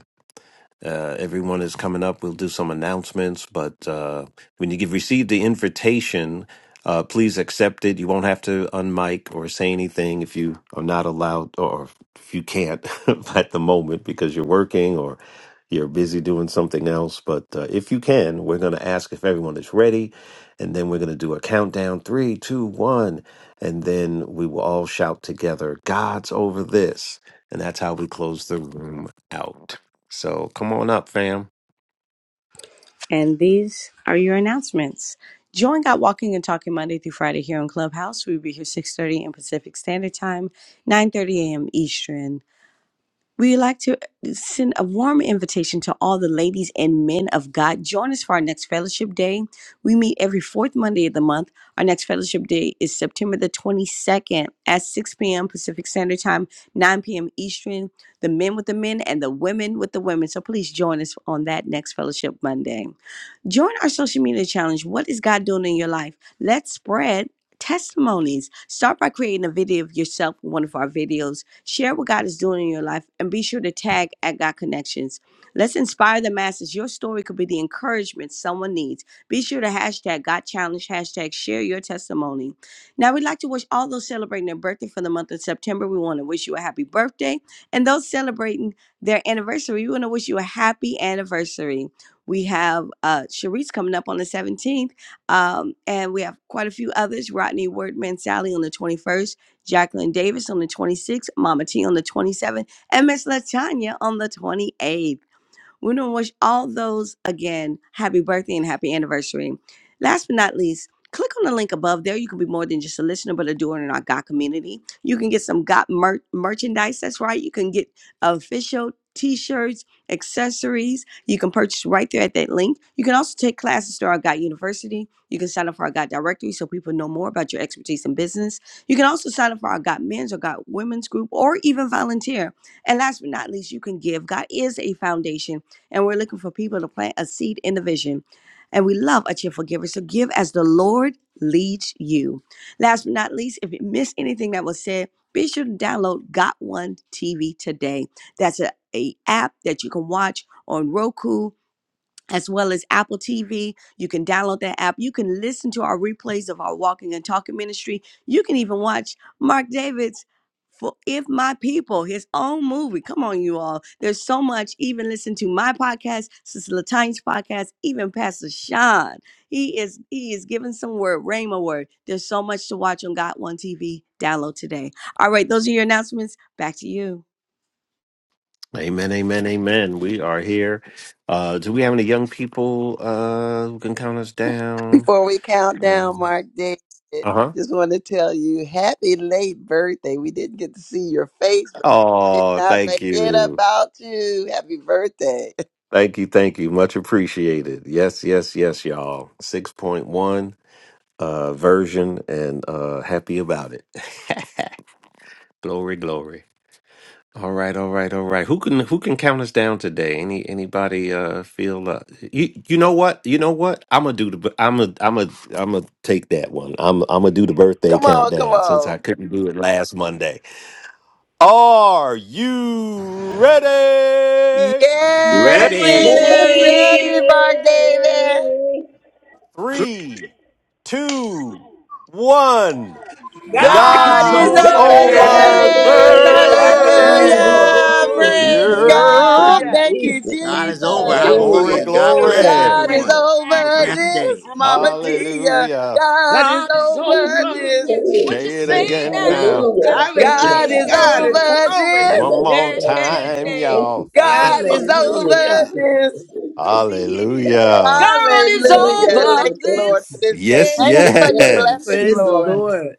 A: Uh, everyone is coming up. We'll do some announcements, but uh, when you get, receive the invitation, uh, please accept it. You won't have to unmic or say anything if you are not allowed or if you can't *laughs* at the moment because you're working or you're busy doing something else. But uh, if you can, we're going to ask if everyone is ready, and then we're going to do a countdown three, two, one, and then we will all shout together, God's over this. And that's how we close the room out. So come on up, fam.
F: And these are your announcements. Join Got Walking and Talking Monday through Friday here on Clubhouse. We'll be here 6.30 in Pacific Standard Time, 9.30 a.m. Eastern. We would like to uh, send a warm invitation to all the ladies and men of God. Join us for our next fellowship day. We meet every fourth Monday of the month. Our next fellowship day is September the 22nd at 6 p.m. Pacific Standard Time, 9 p.m. Eastern. The men with the men and the women with the women. So please join us on that next fellowship Monday. Join our social media challenge. What is God doing in your life? Let's spread testimonies. Start by creating a video of yourself with one of our videos. Share what God is doing in your life and be sure to tag at God Connections. Let's inspire the masses. Your story could be the encouragement someone needs. Be sure to hashtag God Challenge, hashtag share your testimony. Now, we'd like to wish all those celebrating their birthday for the month of September, we want to wish you a happy birthday. And those celebrating their anniversary, we want to wish you a happy anniversary. We have uh, Sharice coming up on the 17th, um, and we have quite a few others Rodney Wordman Sally on the 21st, Jacqueline Davis on the 26th, Mama T on the 27th, and Miss Latanya on the 28th. We want to wish all those again happy birthday and happy anniversary. Last but not least, click on the link above there. You can be more than just a listener, but a doer in our God community. You can get some God mer- merchandise. That's right. You can get official t-shirts, accessories. You can purchase right there at that link. You can also take classes through our God University. You can sign up for our God directory so people know more about your expertise in business. You can also sign up for our God men's or God women's group or even volunteer. And last but not least, you can give. God is a foundation and we're looking for people to plant a seed in the vision. And we love a cheerful giver. So give as the Lord leads you. Last but not least, if you missed anything that was said, be sure to download Got One TV today. That's a, a app that you can watch on Roku as well as Apple TV. You can download that app. You can listen to our replays of our Walking and Talking ministry. You can even watch Mark David's for If My People, his own movie. Come on, you all. There's so much. Even listen to my podcast, Sister Latine's podcast, even Pastor Sean. He is he is giving some word, Rhema word. There's so much to watch on Got One TV. Download today. All right, those are your announcements. Back to you.
A: Amen, amen, amen. We are here. Uh, do we have any young people uh, who can count us down?
E: Before we count
A: Uh
E: down, Mark David,
A: huh.
E: just want to tell you happy late birthday. We didn't get to see your face, but did
A: Oh,
E: not
A: thank
E: forget
A: you.
E: about you. Happy birthday.
A: Thank you, thank you. Much appreciated. Yes, yes, yes, y'all. 6.1 uh, version and uh, happy about it. *laughs* glory, glory. All right, all right, all right. Who can who can count us down today? Any anybody uh feel uh, you you know what? You know what? I'm gonna do the I'm gonna I'm gonna I'm gonna take that one. I'm I'm gonna do the
E: *laughs*
A: birthday
E: Come on, come
A: countdown since I
E: on.
A: couldn't do it last Monday. Are you ready?
K: Yes,
E: Yes,
L: Yay!
B: Ready.
E: we're ready,
F: Ready.
E: Mark David.
A: Three, two, one.
F: God's
E: God
B: God's
E: is
A: God's
K: God
F: over
B: over
E: over
L: God is
K: is
M: At
F: this.
A: over
L: all
B: this.
L: that
E: this.
L: is.
K: over
A: this.
L: Hallelujah.
M: breakfast.
E: Hallelujah.
L: Thank you,
K: there.
B: Woo!
E: Praise
L: Father. Thank
A: Yeah.
E: God.
L: you,
M: Hallelujah.
E: Thank you,
L: Jesus.
B: God is over.
K: Have
E: Jesus.
K: a
A: Glory,
B: Hallelujah.
L: Hallelujah.
K: great day,
B: God
F: Hallelujah.
E: Woo,
B: bless
L: Yes.
E: God
A: glory.
E: is
B: everyone.
L: Hallelujah.
K: everybody.
B: Have a
E: over
K: Have
B: blessed
K: a
E: this,
B: day.
E: Mama
K: great
E: Tia.
A: Hallelujah.
E: God is
F: God is
E: over
L: Thank you,
F: over
E: this.
F: this. What you
A: Say it
F: say
L: Father.
A: again now.
F: now?
L: Hallelujah.
F: God is
E: God
M: Hallelujah.
F: over.
E: is
M: God is
E: over
M: over
E: this.
A: One
M: this.
L: Yes,
A: more
F: this.
L: Lord
F: hey,
A: time,
L: Jesus.
F: hey.
L: Thank you,
A: y'all.
L: Father.
E: God is
L: Hallelujah. Thank
E: over
M: Hallelujah.
L: you, Father.
E: this.
L: Thank
F: Yes,
L: you,
F: He
L: Jesus.
F: is.
A: Hallelujah.
F: God is
E: Hallelujah.
F: over
L: Hallelujah.
E: Thank you,
L: Thank you,
E: Lord, for
F: this.
L: Jesus.
E: this day.
A: Yes,
E: Thank
I: Yes,
E: you
F: Hey.
I: *laughs*
E: for your
L: Yes.
A: yes.
E: blessings,
M: Praise the
E: Lord.
M: Lord.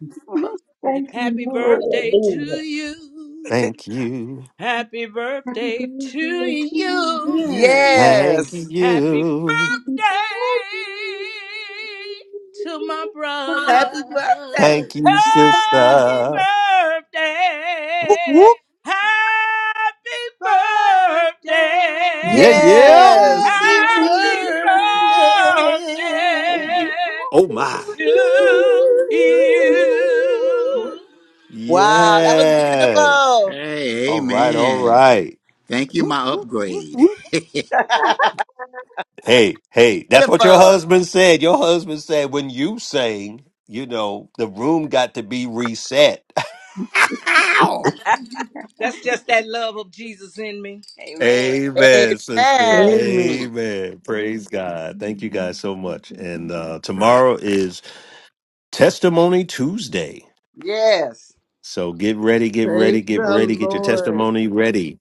F: And
I: Thank you,
F: happy
I: Lord.
F: birthday to
L: Hallelujah.
F: you.
A: Thank you.
F: Happy
I: Happy
F: birthday
I: birthday
F: to
I: to
F: you.
M: Amen.
I: you.
A: Thank
E: Yes.
F: Happy
A: you.
I: Happy
F: birthday
I: birthday.
F: to my
I: happy birthday,
F: brother.
M: Happy birthday.
A: Thank you,
I: Happy
F: Happy
A: sister. Whoop,
F: birthday.
A: whoop.
F: Happy birthday.
A: Yeah,
I: birthday. Happy
A: yeah.
E: Yes.
M: Happy
F: Happy
M: birthday
F: birthday
A: Oh, my.
F: to
M: to
I: birthday
F: you.
M: you.
E: Wow, that was
A: Yes.
E: beautiful.
B: Hey,
A: All right, all
B: amen.
A: right.
B: Thank you,
A: Whoop,
B: my
A: whoop, whoop,
B: upgrade.
A: whoop.
E: *laughs*
A: Hey, hey, that's what your
E: Beautiful.
A: husband said. Your husband said when you sang, you know, the room got to be reset. *laughs* Ow!
F: That's just that love of Jesus in me. Amen.
A: Amen, *laughs* sister.
E: Amen.
M: Amen.
A: Amen. Praise God. Thank you guys so much. And uh, tomorrow is Testimony Tuesday.
E: Yes.
A: So get ready, get ready,
M: Praise
A: get
M: the
A: ready, get your
M: Lord.
A: testimony ready.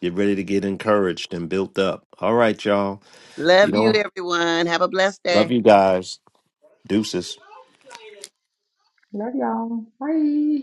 A: Get ready to get encouraged and built up. All right, y'all.
E: Love you, everyone. Have a blessed day.
A: Deuces.
I: Love y'all. Bye.